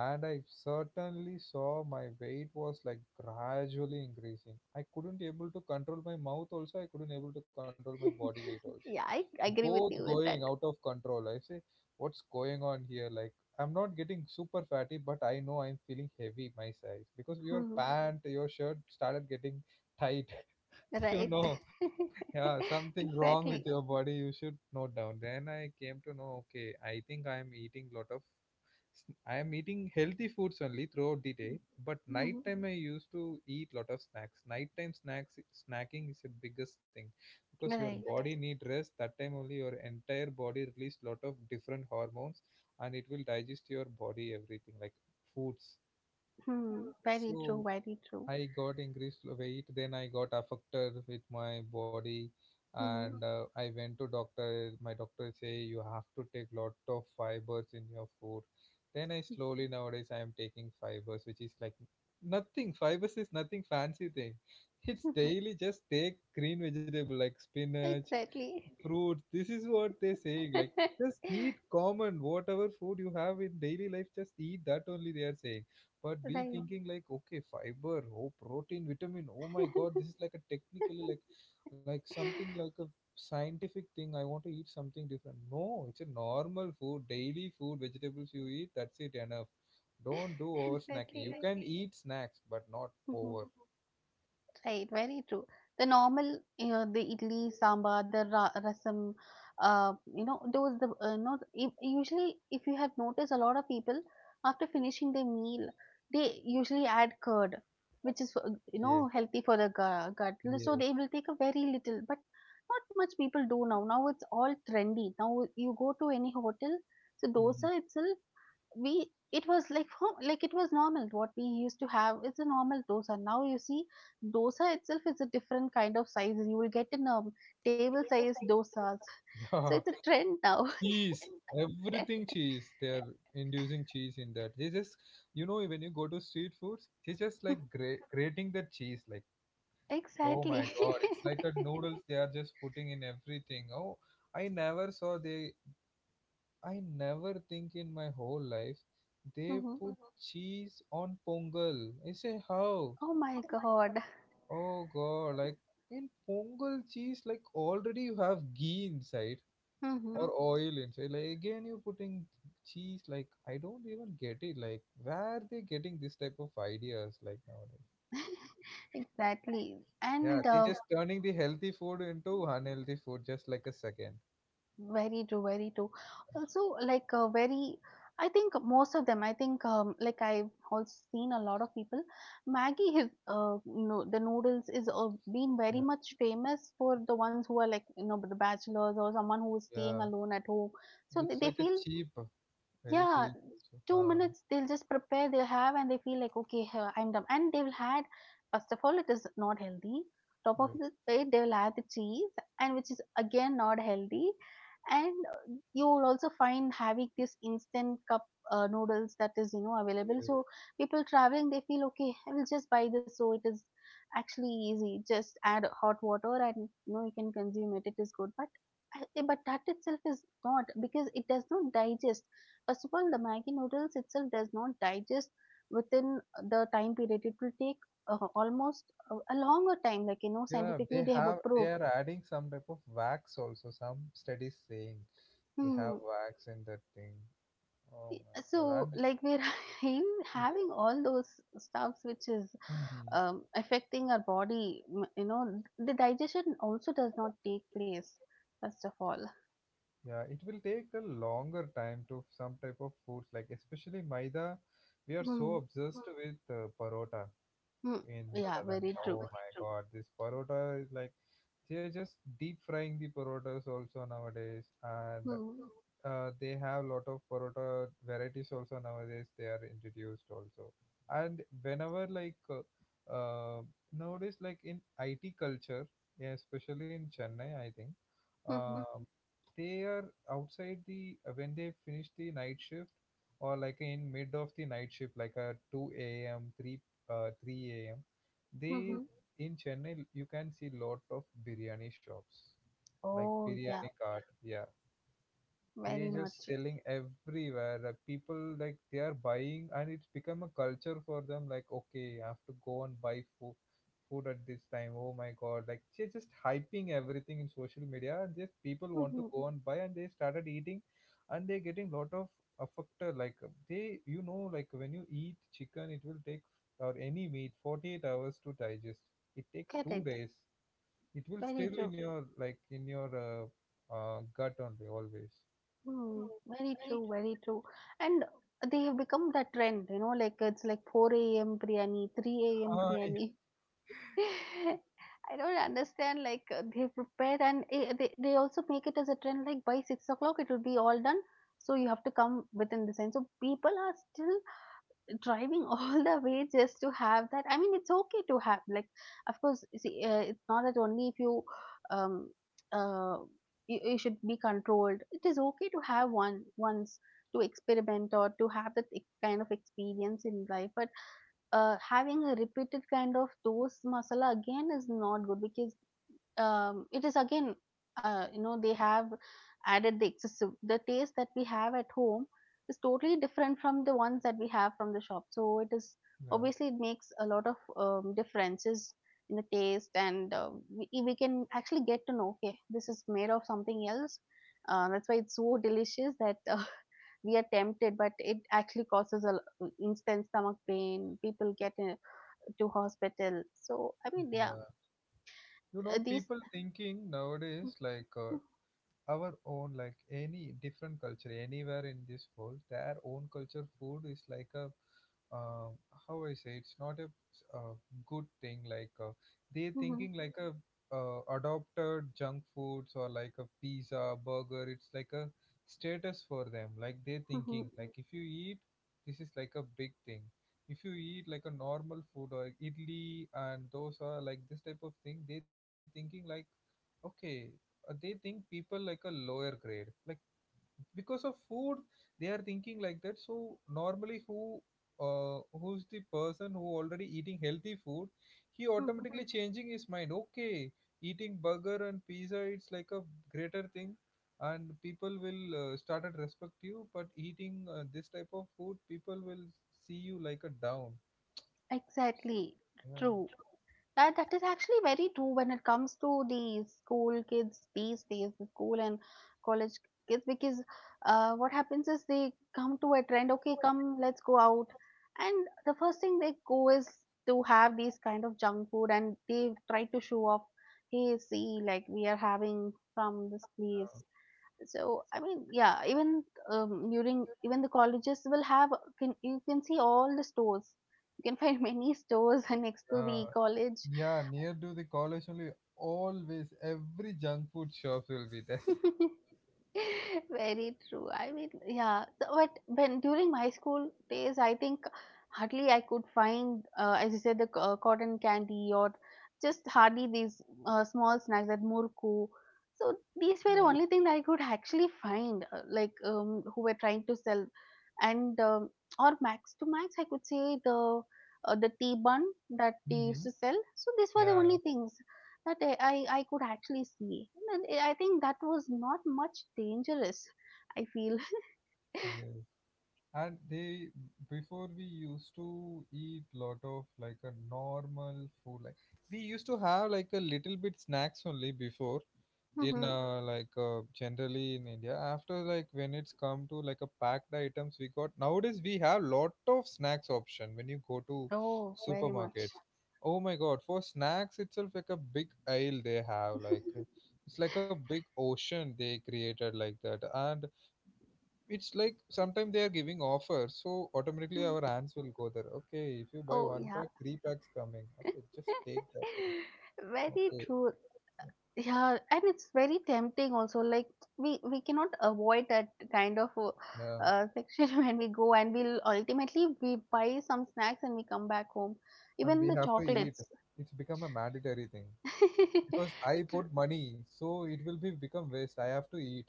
Speaker 1: and I certainly saw my weight was like gradually increasing. I couldn't able to control my mouth also, I couldn't able to control my body weight also,
Speaker 2: Yeah, I agree
Speaker 1: both
Speaker 2: with you with
Speaker 1: going
Speaker 2: that.
Speaker 1: out of control. I say what's going on here? Like I'm not getting super fatty, but I know I'm feeling heavy my size, because your
Speaker 2: Mhm.
Speaker 1: pant, your shirt started getting tight. You
Speaker 2: Right.
Speaker 1: know, yeah, something wrong with
Speaker 2: Exactly.
Speaker 1: your body, you should note down. Then I came to know, okay, I think I'm eating lot of, I am eating healthy foods only throughout the day, but
Speaker 2: Mhm.
Speaker 1: night time I used to eat lot of snacks. Nighttime snacks, snacking is the biggest thing because your
Speaker 2: Right.
Speaker 1: body need rest. That time only your entire body release lot of different hormones, and it will digest your body everything like foods.
Speaker 2: Hmm. Very true.
Speaker 1: So
Speaker 2: Very true.
Speaker 1: I got increased weight, then I got affected with my body,
Speaker 2: Mhm.
Speaker 1: and I went to doctor. My doctor say you have to take lot of fibers in your food. Then I slowly nowadays I am taking fibers, which is like nothing. Fibers is nothing fancy thing. It's daily. Just take green vegetable like spinach,
Speaker 2: Exactly.
Speaker 1: fruits. This is what they're saying. Like, just eat common, whatever food you have in daily life, just eat that only, they are saying. But we
Speaker 2: Right.
Speaker 1: thinking like, okay, fiber, oh, protein, vitamin. Oh my God, this is like a technically like something like a scientific thing. I want to eat something different. No, it's a normal food, daily food, vegetables you eat. That's it, enough. Don't do over snacking. You
Speaker 2: Exactly.
Speaker 1: can eat snacks, but not
Speaker 2: Mhm.
Speaker 1: over.
Speaker 2: Right, very true. The normal, you know, the idli, sambar, the rasam, those the not if, usually if you have noticed, a lot of people after finishing their meal, they usually add curd, which is
Speaker 1: Yes,
Speaker 2: healthy for the gut. So they
Speaker 1: yes.
Speaker 2: will take a very little, but not much people do now. Now it's all trendy. Now you go to any hotel, so dosa itself, we it was like home, like it was normal what we used to have. It's a normal dosa. Now you see, dosa itself is a different kind of size. You will get in, table size dosas. So it's a trend now.
Speaker 1: Cheese, everything cheese, they are inducing cheese in that. They just, you know, when you go to street foods they just like grating the cheese like, oh my
Speaker 2: Exactly.
Speaker 1: god, it's like a noodles, they are just putting in everything. Oh, I never saw they, I never think in my whole life they
Speaker 2: Hmm.
Speaker 1: put cheese on pongal. I say how?
Speaker 2: Oh my god.
Speaker 1: Oh god, like in pongal cheese, like already you have ghee inside
Speaker 2: Hmm.
Speaker 1: or oil inside, like again you putting cheese. Like, I don't even get it, like where are they getting this type of ideas like nowadays?
Speaker 2: Exactly.
Speaker 1: Yeah,
Speaker 2: And
Speaker 1: they just turning the healthy food into unhealthy food just like a second.
Speaker 2: very true, very true. Also, like I think most of them. I think, like, I've also seen a lot of people. Maggie is no, The noodles is been very
Speaker 1: Yeah,
Speaker 2: much famous for the ones who are, like, you know, the bachelors or someone who is staying
Speaker 1: yeah,
Speaker 2: alone at home. So they,
Speaker 1: it's
Speaker 2: they
Speaker 1: like a
Speaker 2: feel.
Speaker 1: cheap, very
Speaker 2: Yeah,
Speaker 1: cheap also.
Speaker 2: 2 minutes they'll just prepare, they'll have, and they feel like, "Okay, huh, I'm done." And they'll add, first of all, it is not healthy. Top of
Speaker 1: Okay.
Speaker 2: the plate, they'll add the cheese, and which is again not healthy. And you'll also find having this instant cup noodles that is, you know, available. So people traveling, they feel, "Okay, I will just buy this." So it is actually easy. Just add hot water and, you know, you can consume it. It is good. But that itself is not, because it does not digest. First of all, the Maggi noodles itself does not digest within the time period. It will take almost a longer time, like, you know,
Speaker 1: Yeah,
Speaker 2: scientifically
Speaker 1: they
Speaker 2: they have
Speaker 1: have, they
Speaker 2: approved.
Speaker 1: are adding some type of wax also, some studies saying they have
Speaker 2: Hmm.
Speaker 1: wax in that thing. Oh my god.
Speaker 2: So,
Speaker 1: And
Speaker 2: like we're
Speaker 1: yeah.
Speaker 2: having all those stuffs which is,
Speaker 1: Mhm.
Speaker 2: affecting our body, you know, the digestion also does not take place, first of all.
Speaker 1: Yeah, it will take a longer time to some type of foods, like especially maida. We are so
Speaker 2: Hmm.
Speaker 1: obsessed with parota
Speaker 2: Hmm.
Speaker 1: in
Speaker 2: Yeah,
Speaker 1: southern.
Speaker 2: very true.
Speaker 1: Oh my God, this parota is like, they are just deep frying the parotas also nowadays, and
Speaker 2: Hmm.
Speaker 1: they have lot of parota varieties also nowadays. They are introduced also, and whenever like nowadays like in IT culture, yeah, especially in Chennai, I think
Speaker 2: Hmm.
Speaker 1: um, they are outside the when they finish the night shift or like in mid of the night shift, like a 2 a.m., 3 3 a.m. They,
Speaker 2: Hmm.
Speaker 1: in Chennai you can see lot of biryani shops, like
Speaker 2: Oh,
Speaker 1: biryani
Speaker 2: yeah,
Speaker 1: cart. Yeah, they
Speaker 2: very
Speaker 1: just
Speaker 2: much.
Speaker 1: selling everywhere, like people like they are buying and it's become a culture for them, like okay, I have to go and buy food at this time. Oh my god, like they're just hyping everything in social media and just people want to
Speaker 2: Hmm.
Speaker 1: go and buy and they started eating and they're getting lot of affected. Like they, you know, like when you eat chicken it will take, or any meat, 48 hours to digest. It takes two
Speaker 2: Correct.
Speaker 1: days It will
Speaker 2: Very
Speaker 1: still in
Speaker 2: true.
Speaker 1: your, like in your gut only always.
Speaker 2: Hmm. Very true, very true. And they have become that trend, you know, like it's like 4 a.m. biryani, 3 a.m.
Speaker 1: Ah,
Speaker 2: biryani. I don't understand. Like they prepare and they also make it as a trend, like by 6 o'clock it will be all done. So you have to come within this time. So people are still driving all the way just to have that. I mean, it's okay to have, like, of course, see, it's not that only if you um uh should be controlled. It is okay to have one once to experiment or to have that kind of experience in life, but having a repeated kind of those masala again is not good because it is again, they have added the excessive, the taste that we have at home is totally different from the ones that we have from the shop. So it is
Speaker 1: yeah,
Speaker 2: obviously, it makes a lot of differences in the taste, and we can actually get to know, okay, this is made of something else. That's why it's so delicious, that we are tempted, but it actually causes instant stomach pain. People get to hospital. So, I mean, yeah.
Speaker 1: yeah. You know,
Speaker 2: These
Speaker 1: people thinking nowadays like our own, like any different culture anywhere in this world, their own culture food is like a uh, how I say, it's not a, uh, good thing. Like they
Speaker 2: Mhm,
Speaker 1: thinking like a adopted junk foods, or like a pizza burger, it's like a status for them. Like they
Speaker 2: mhm,
Speaker 1: thinking like if you eat this, is like a big thing. If you eat like a normal food or idli and those are like this type of thing, they thinking like okay, they think people like a lower grade, like because of food they are thinking like that. So normally who, who's the person who already eating healthy food, he
Speaker 2: mhm.
Speaker 1: automatically changing his mind, okay, eating burger and pizza it's like a greater thing, and people will start to respect you, but eating this type of food people will see you like a down.
Speaker 2: Exactly. True.
Speaker 1: Yeah,
Speaker 2: That is actually very true when it comes to the school kids these days, the school and college kids, because what happens is they come to a trend. Okay, come, let's go out. And the first thing they go is to have these kind of junk food, and they try to show off, hey, see, like, we are having from this place. So, I mean, yeah. Even during, even the colleges will have, can, you can see all the stores. You can find many stores next to
Speaker 1: yeah.
Speaker 2: the college.
Speaker 1: Yeah, near to the college only, always every junk food shops will be there.
Speaker 2: Very true. I mean, yeah. So, but when during my school days, I think hardly I could find, as you said, the cotton candy, or just hardly these small snacks, that murku. So these were the
Speaker 1: Yeah.
Speaker 2: only thing that I could actually find, like, who were trying to sell, and or max to max I could say the, tea bun that they used
Speaker 1: Hmm.
Speaker 2: to sell. So these were the only
Speaker 1: Yeah.
Speaker 2: things that I could actually see. And I think that was not much dangerous, I feel.
Speaker 1: Yes. And they, before, we used to eat lot of like a normal food, like we used to have like a little bit snacks only before, in
Speaker 2: Mhm.
Speaker 1: like generally in india. After like when it's come to like a packed items we got nowadays, we have lot of snacks option when you go to
Speaker 2: Oh, very much.
Speaker 1: supermarkets. Oh my god, for snacks itself like a big aisle they have, like it's like a big ocean they created like that. And it's like sometimes they are giving offers, so automatically
Speaker 2: Mm.
Speaker 1: our hands will go there, okay, if you buy
Speaker 2: Oh,
Speaker 1: one
Speaker 2: yeah.
Speaker 1: pack three packs coming, okay just take that thing.
Speaker 2: Very
Speaker 1: Okay,
Speaker 2: true. Yeah, and it's very tempting also. Like, we cannot avoid that kind of
Speaker 1: yeah,
Speaker 2: section when we go, and we'll ultimately we buy some snacks and we come back home.
Speaker 1: and
Speaker 2: Even
Speaker 1: we
Speaker 2: the
Speaker 1: have to eat,
Speaker 2: chocolates.
Speaker 1: it's become a mandatory thing, because I
Speaker 2: True.
Speaker 1: put money so it will be become waste, I have to eat.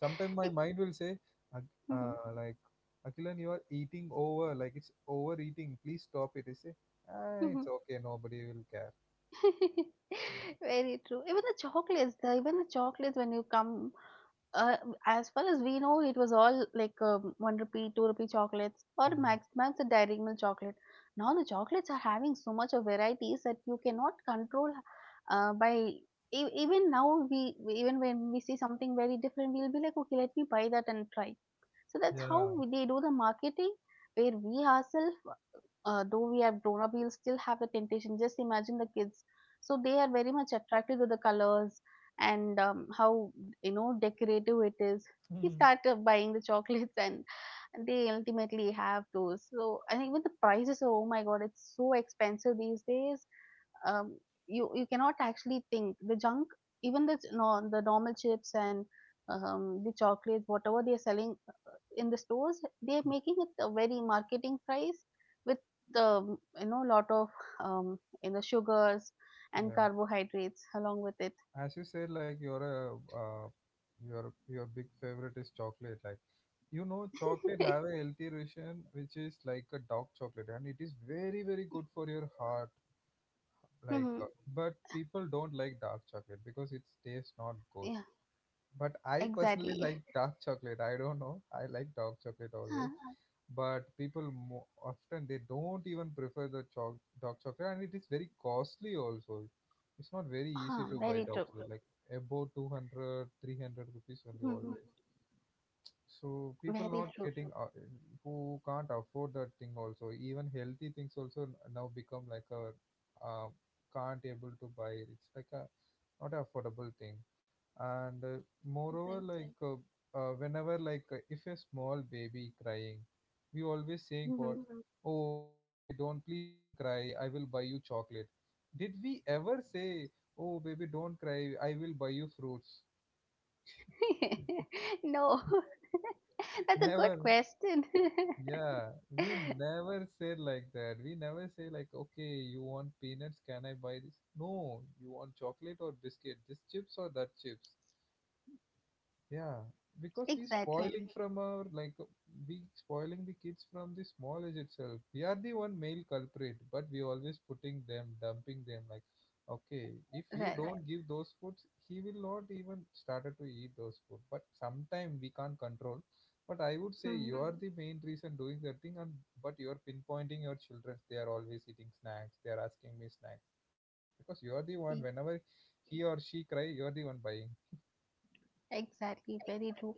Speaker 1: Sometimes my mind will say,
Speaker 2: Mhm.
Speaker 1: like akilan, you are eating over, like it's overeating, please stop it." I say, ah, it's
Speaker 2: Mhm.
Speaker 1: okay, nobody will care. Yeah.
Speaker 2: Very true. Even the chocolates, the chocolates, when you come, uh, as far as we know, it was all like, ₹1, ₹2 chocolates, or
Speaker 1: Mhm.
Speaker 2: max max a dairy milk chocolate. Now the chocolates are having so much of varieties that you cannot control. Even now, even when we see something very different, we'll be like, okay, let me buy that and try. So that's how
Speaker 1: Yeah.
Speaker 2: they do the marketing, where we ourselves, though we have grown up, we'll still have the temptation. Just imagine the kids. So they are very much attracted to the colors, and how, you know, decorative it is. We
Speaker 1: Mhm.
Speaker 2: start buying the chocolates, and they ultimately have those. So I think, with the prices, oh my god, it's so expensive these days. Um, you cannot actually think the junk, even the, no, the normal chips and the chocolates, whatever they are selling in the stores, they're making it a very marketing price with the, you know, lot of sugars and
Speaker 1: Yeah.
Speaker 2: carbohydrates along with it.
Speaker 1: As you said, like your are, uh, your big favorite is chocolate. Like, you know, chocolate have a healthy version which is like a dark chocolate, and it is very very good for your heart. Like
Speaker 2: Hmm.
Speaker 1: but people don't like dark chocolate because it tastes not good.
Speaker 2: Yeah,
Speaker 1: But I personally
Speaker 2: exactly.
Speaker 1: like dark chocolate, I don't know, I like dark chocolate always.
Speaker 2: Huh.
Speaker 1: But people often they don't even prefer the chalk dark chocolate, and it is very costly also. It's not very easy
Speaker 2: Huh,
Speaker 1: to buy
Speaker 2: very
Speaker 1: dark
Speaker 2: true.
Speaker 1: chocolate, like above 200, 300 rupees only
Speaker 2: Hmm.
Speaker 1: always. So people
Speaker 2: Very
Speaker 1: not
Speaker 2: true.
Speaker 1: getting who can't afford that thing also, even healthy things also now become like a uh, can't able to buy, it's like a not an affordable thing. And moreover
Speaker 2: Right.
Speaker 1: like whenever like if a small baby crying, we always saying
Speaker 2: Hmm.
Speaker 1: what? Oh baby, don't, please don't cry, I will buy you chocolate. Did we ever say, oh baby don't cry, I will buy you fruits?
Speaker 2: No. That's a good
Speaker 1: Never.
Speaker 2: question.
Speaker 1: Yeah, we never said like that, we never say like, okay, you want peanuts, can I buy this? No, you want chocolate or biscuit, this chips or that chips? Yeah, because we
Speaker 2: Exactly.
Speaker 1: spoiling from our like, we spoiling the kids from the small age itself. We are the one male culprit, but we always putting them, dumping them. Like, okay, if you
Speaker 2: Right.
Speaker 1: don't give those foods, he will not even started to eat those food. But sometime we can't control. But I would say
Speaker 2: Hmm.
Speaker 1: you are the main reason doing that thing, and but you are pinpointing your children. They are always eating snacks, they are asking me snacks, because you are the one. Whenever he or she cry, you are the one buying.
Speaker 2: Exactly, very true.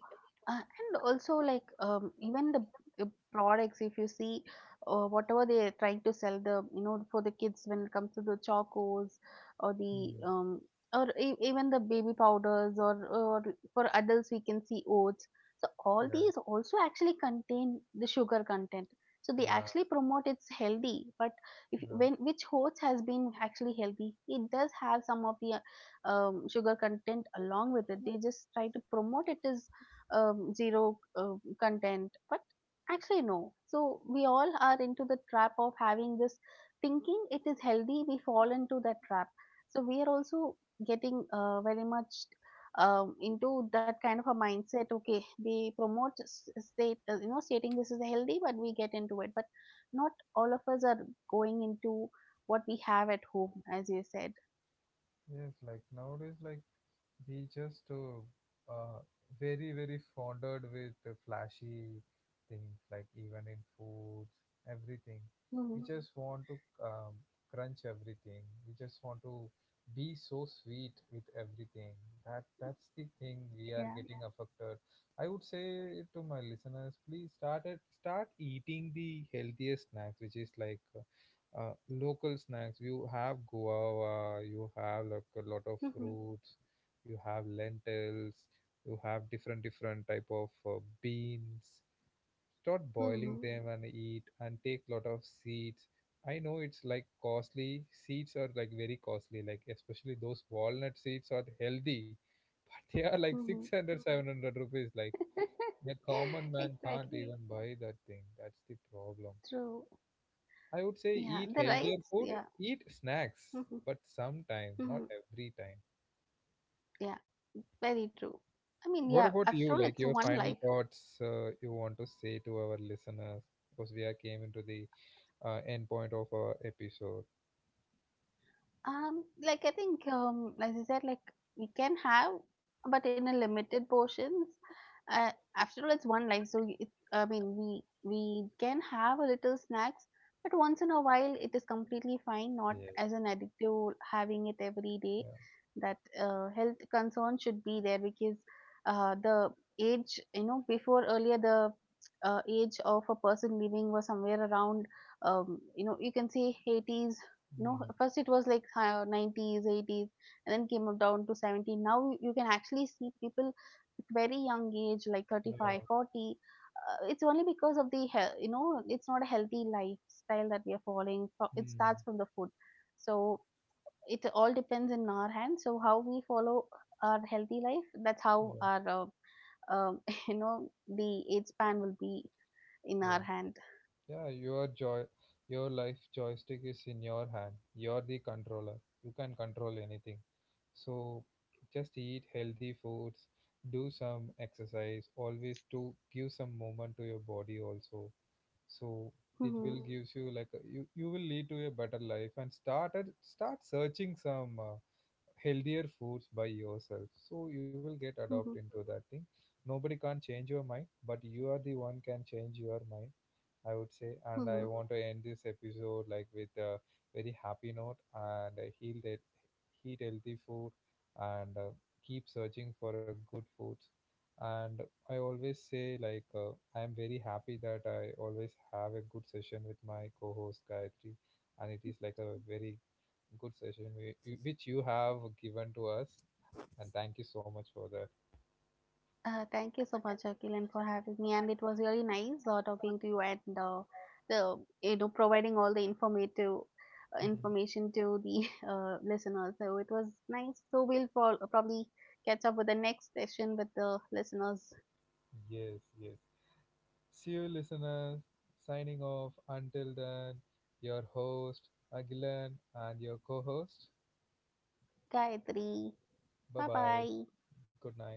Speaker 2: And also, like, even the products, if you see, whatever they are trying to sell, the, you know, for the kids, when it comes to the chocos, or the,
Speaker 1: Hmm.
Speaker 2: even the baby powders, or for adults, we can see oats. So, all these
Speaker 1: Yeah,
Speaker 2: also actually contain the sugar content. So they
Speaker 1: yeah.
Speaker 2: actually promote it's healthy, but if, when,
Speaker 1: Yeah.
Speaker 2: which oats has been actually healthy, it does have some of the sugar content along with it. They just try to promote it as zero content, but actually no. So we all are into the trap of having this, thinking it is healthy. We fall into that trap. So we are also getting very much into that kind of a mindset. Okay, they promote s- state you know stating this is healthy, but we get into it. But not all of us are going into what we have at home, as you said.
Speaker 1: Yes, like nowadays, like we just uh, very very fondled with the flashy things, like even in foods, everything we
Speaker 2: Mhm.
Speaker 1: just want to um, crunch everything, we just want to be so sweet with everything. That's the thing, we are
Speaker 2: Yeah.
Speaker 1: getting affected. I would say to my listeners, please start eating the healthiest snacks, which is like local snacks. You have guava, you have like a lot of
Speaker 2: Mhm,
Speaker 1: fruits, you have lentils, you have different different type of beans. Start boiling
Speaker 2: mhm,
Speaker 1: them and eat, and take lot of seeds. I know it's like costly, seeds are like very costly, like especially those walnut seeds are healthy but they are like
Speaker 2: mhm.
Speaker 1: 600 700 rupees. Like a common man can't
Speaker 2: Exactly.
Speaker 1: even buy that thing, that's the problem.
Speaker 2: True.
Speaker 1: I would say
Speaker 2: Yeah,
Speaker 1: eat
Speaker 2: the
Speaker 1: healthier
Speaker 2: rights.
Speaker 1: food,
Speaker 2: Yeah.
Speaker 1: eat snacks
Speaker 2: Mhm,
Speaker 1: but sometime,
Speaker 2: mhm.
Speaker 1: not every time.
Speaker 2: Yeah, very true. I mean,
Speaker 1: What
Speaker 2: yeah,
Speaker 1: about
Speaker 2: after
Speaker 1: you?
Speaker 2: all,
Speaker 1: Like
Speaker 2: it's
Speaker 1: your
Speaker 2: one
Speaker 1: final
Speaker 2: life.
Speaker 1: thoughts, you want to say to our listeners? Because we are came into the end point of our episode.
Speaker 2: Like, I think, as you said, like, we can have, but in a limited portions. Uh, After all, it's one life, so it, I mean, we can have a little snacks, but once in a while, it is completely fine. Not
Speaker 1: Yes.
Speaker 2: as an addictive, having it every day.
Speaker 1: Yeah.
Speaker 2: That health concern should be there, because the age, you know, before, earlier the age of a person living was somewhere around, you know, you can say 80s, no,
Speaker 1: Hmm.
Speaker 2: first it was like 90s, 80s, and then came down to 70. Now you can actually see people at very young age, like thirty
Speaker 1: Yeah.
Speaker 2: five, 40. It's only because of the health, you know, it's not a healthy lifestyle that we are following. It
Speaker 1: Hmm.
Speaker 2: starts from the food. So it all depends in our hands. So how we follow our healthy life, that's how
Speaker 1: Yeah.
Speaker 2: our, uh, um, you know, the age span will be in
Speaker 1: Yeah.
Speaker 2: our hand.
Speaker 1: Yeah. Your joy, your life joystick is in your hand. You're the controller, you can control anything. So just eat healthy foods, do some exercise, always do give some movement to your body also. So it
Speaker 2: Hmm.
Speaker 1: will gives you like a, you will lead to a better life, and start searching some healthier foods by yourself, so you will get adopt
Speaker 2: Hmm.
Speaker 1: into that thing. Nobody can change your mind, but you are the one can change your mind, I would say. And I
Speaker 2: Hmm.
Speaker 1: want to end this episode like with a very happy note and heal that, eat healthy food, and keep searching for a good foods. And I always say like I am very happy that I always have a good session with my co-host Gayatri, and it is like a very good session which you have given to us. And thank you so much for that.
Speaker 2: Thank you so much, Akilan, for having me, and it was really nice talking to you, and the you know, providing all the informative information to the listeners. So it was nice. So we'll probably catch up with the next session with the listeners.
Speaker 1: Yes, yes. See you, listeners. Signing off. Until then, your host, Agilan, and your co host.
Speaker 2: Gayatri,
Speaker 1: Bye
Speaker 2: bye
Speaker 1: bye.
Speaker 2: bye.
Speaker 1: Good night.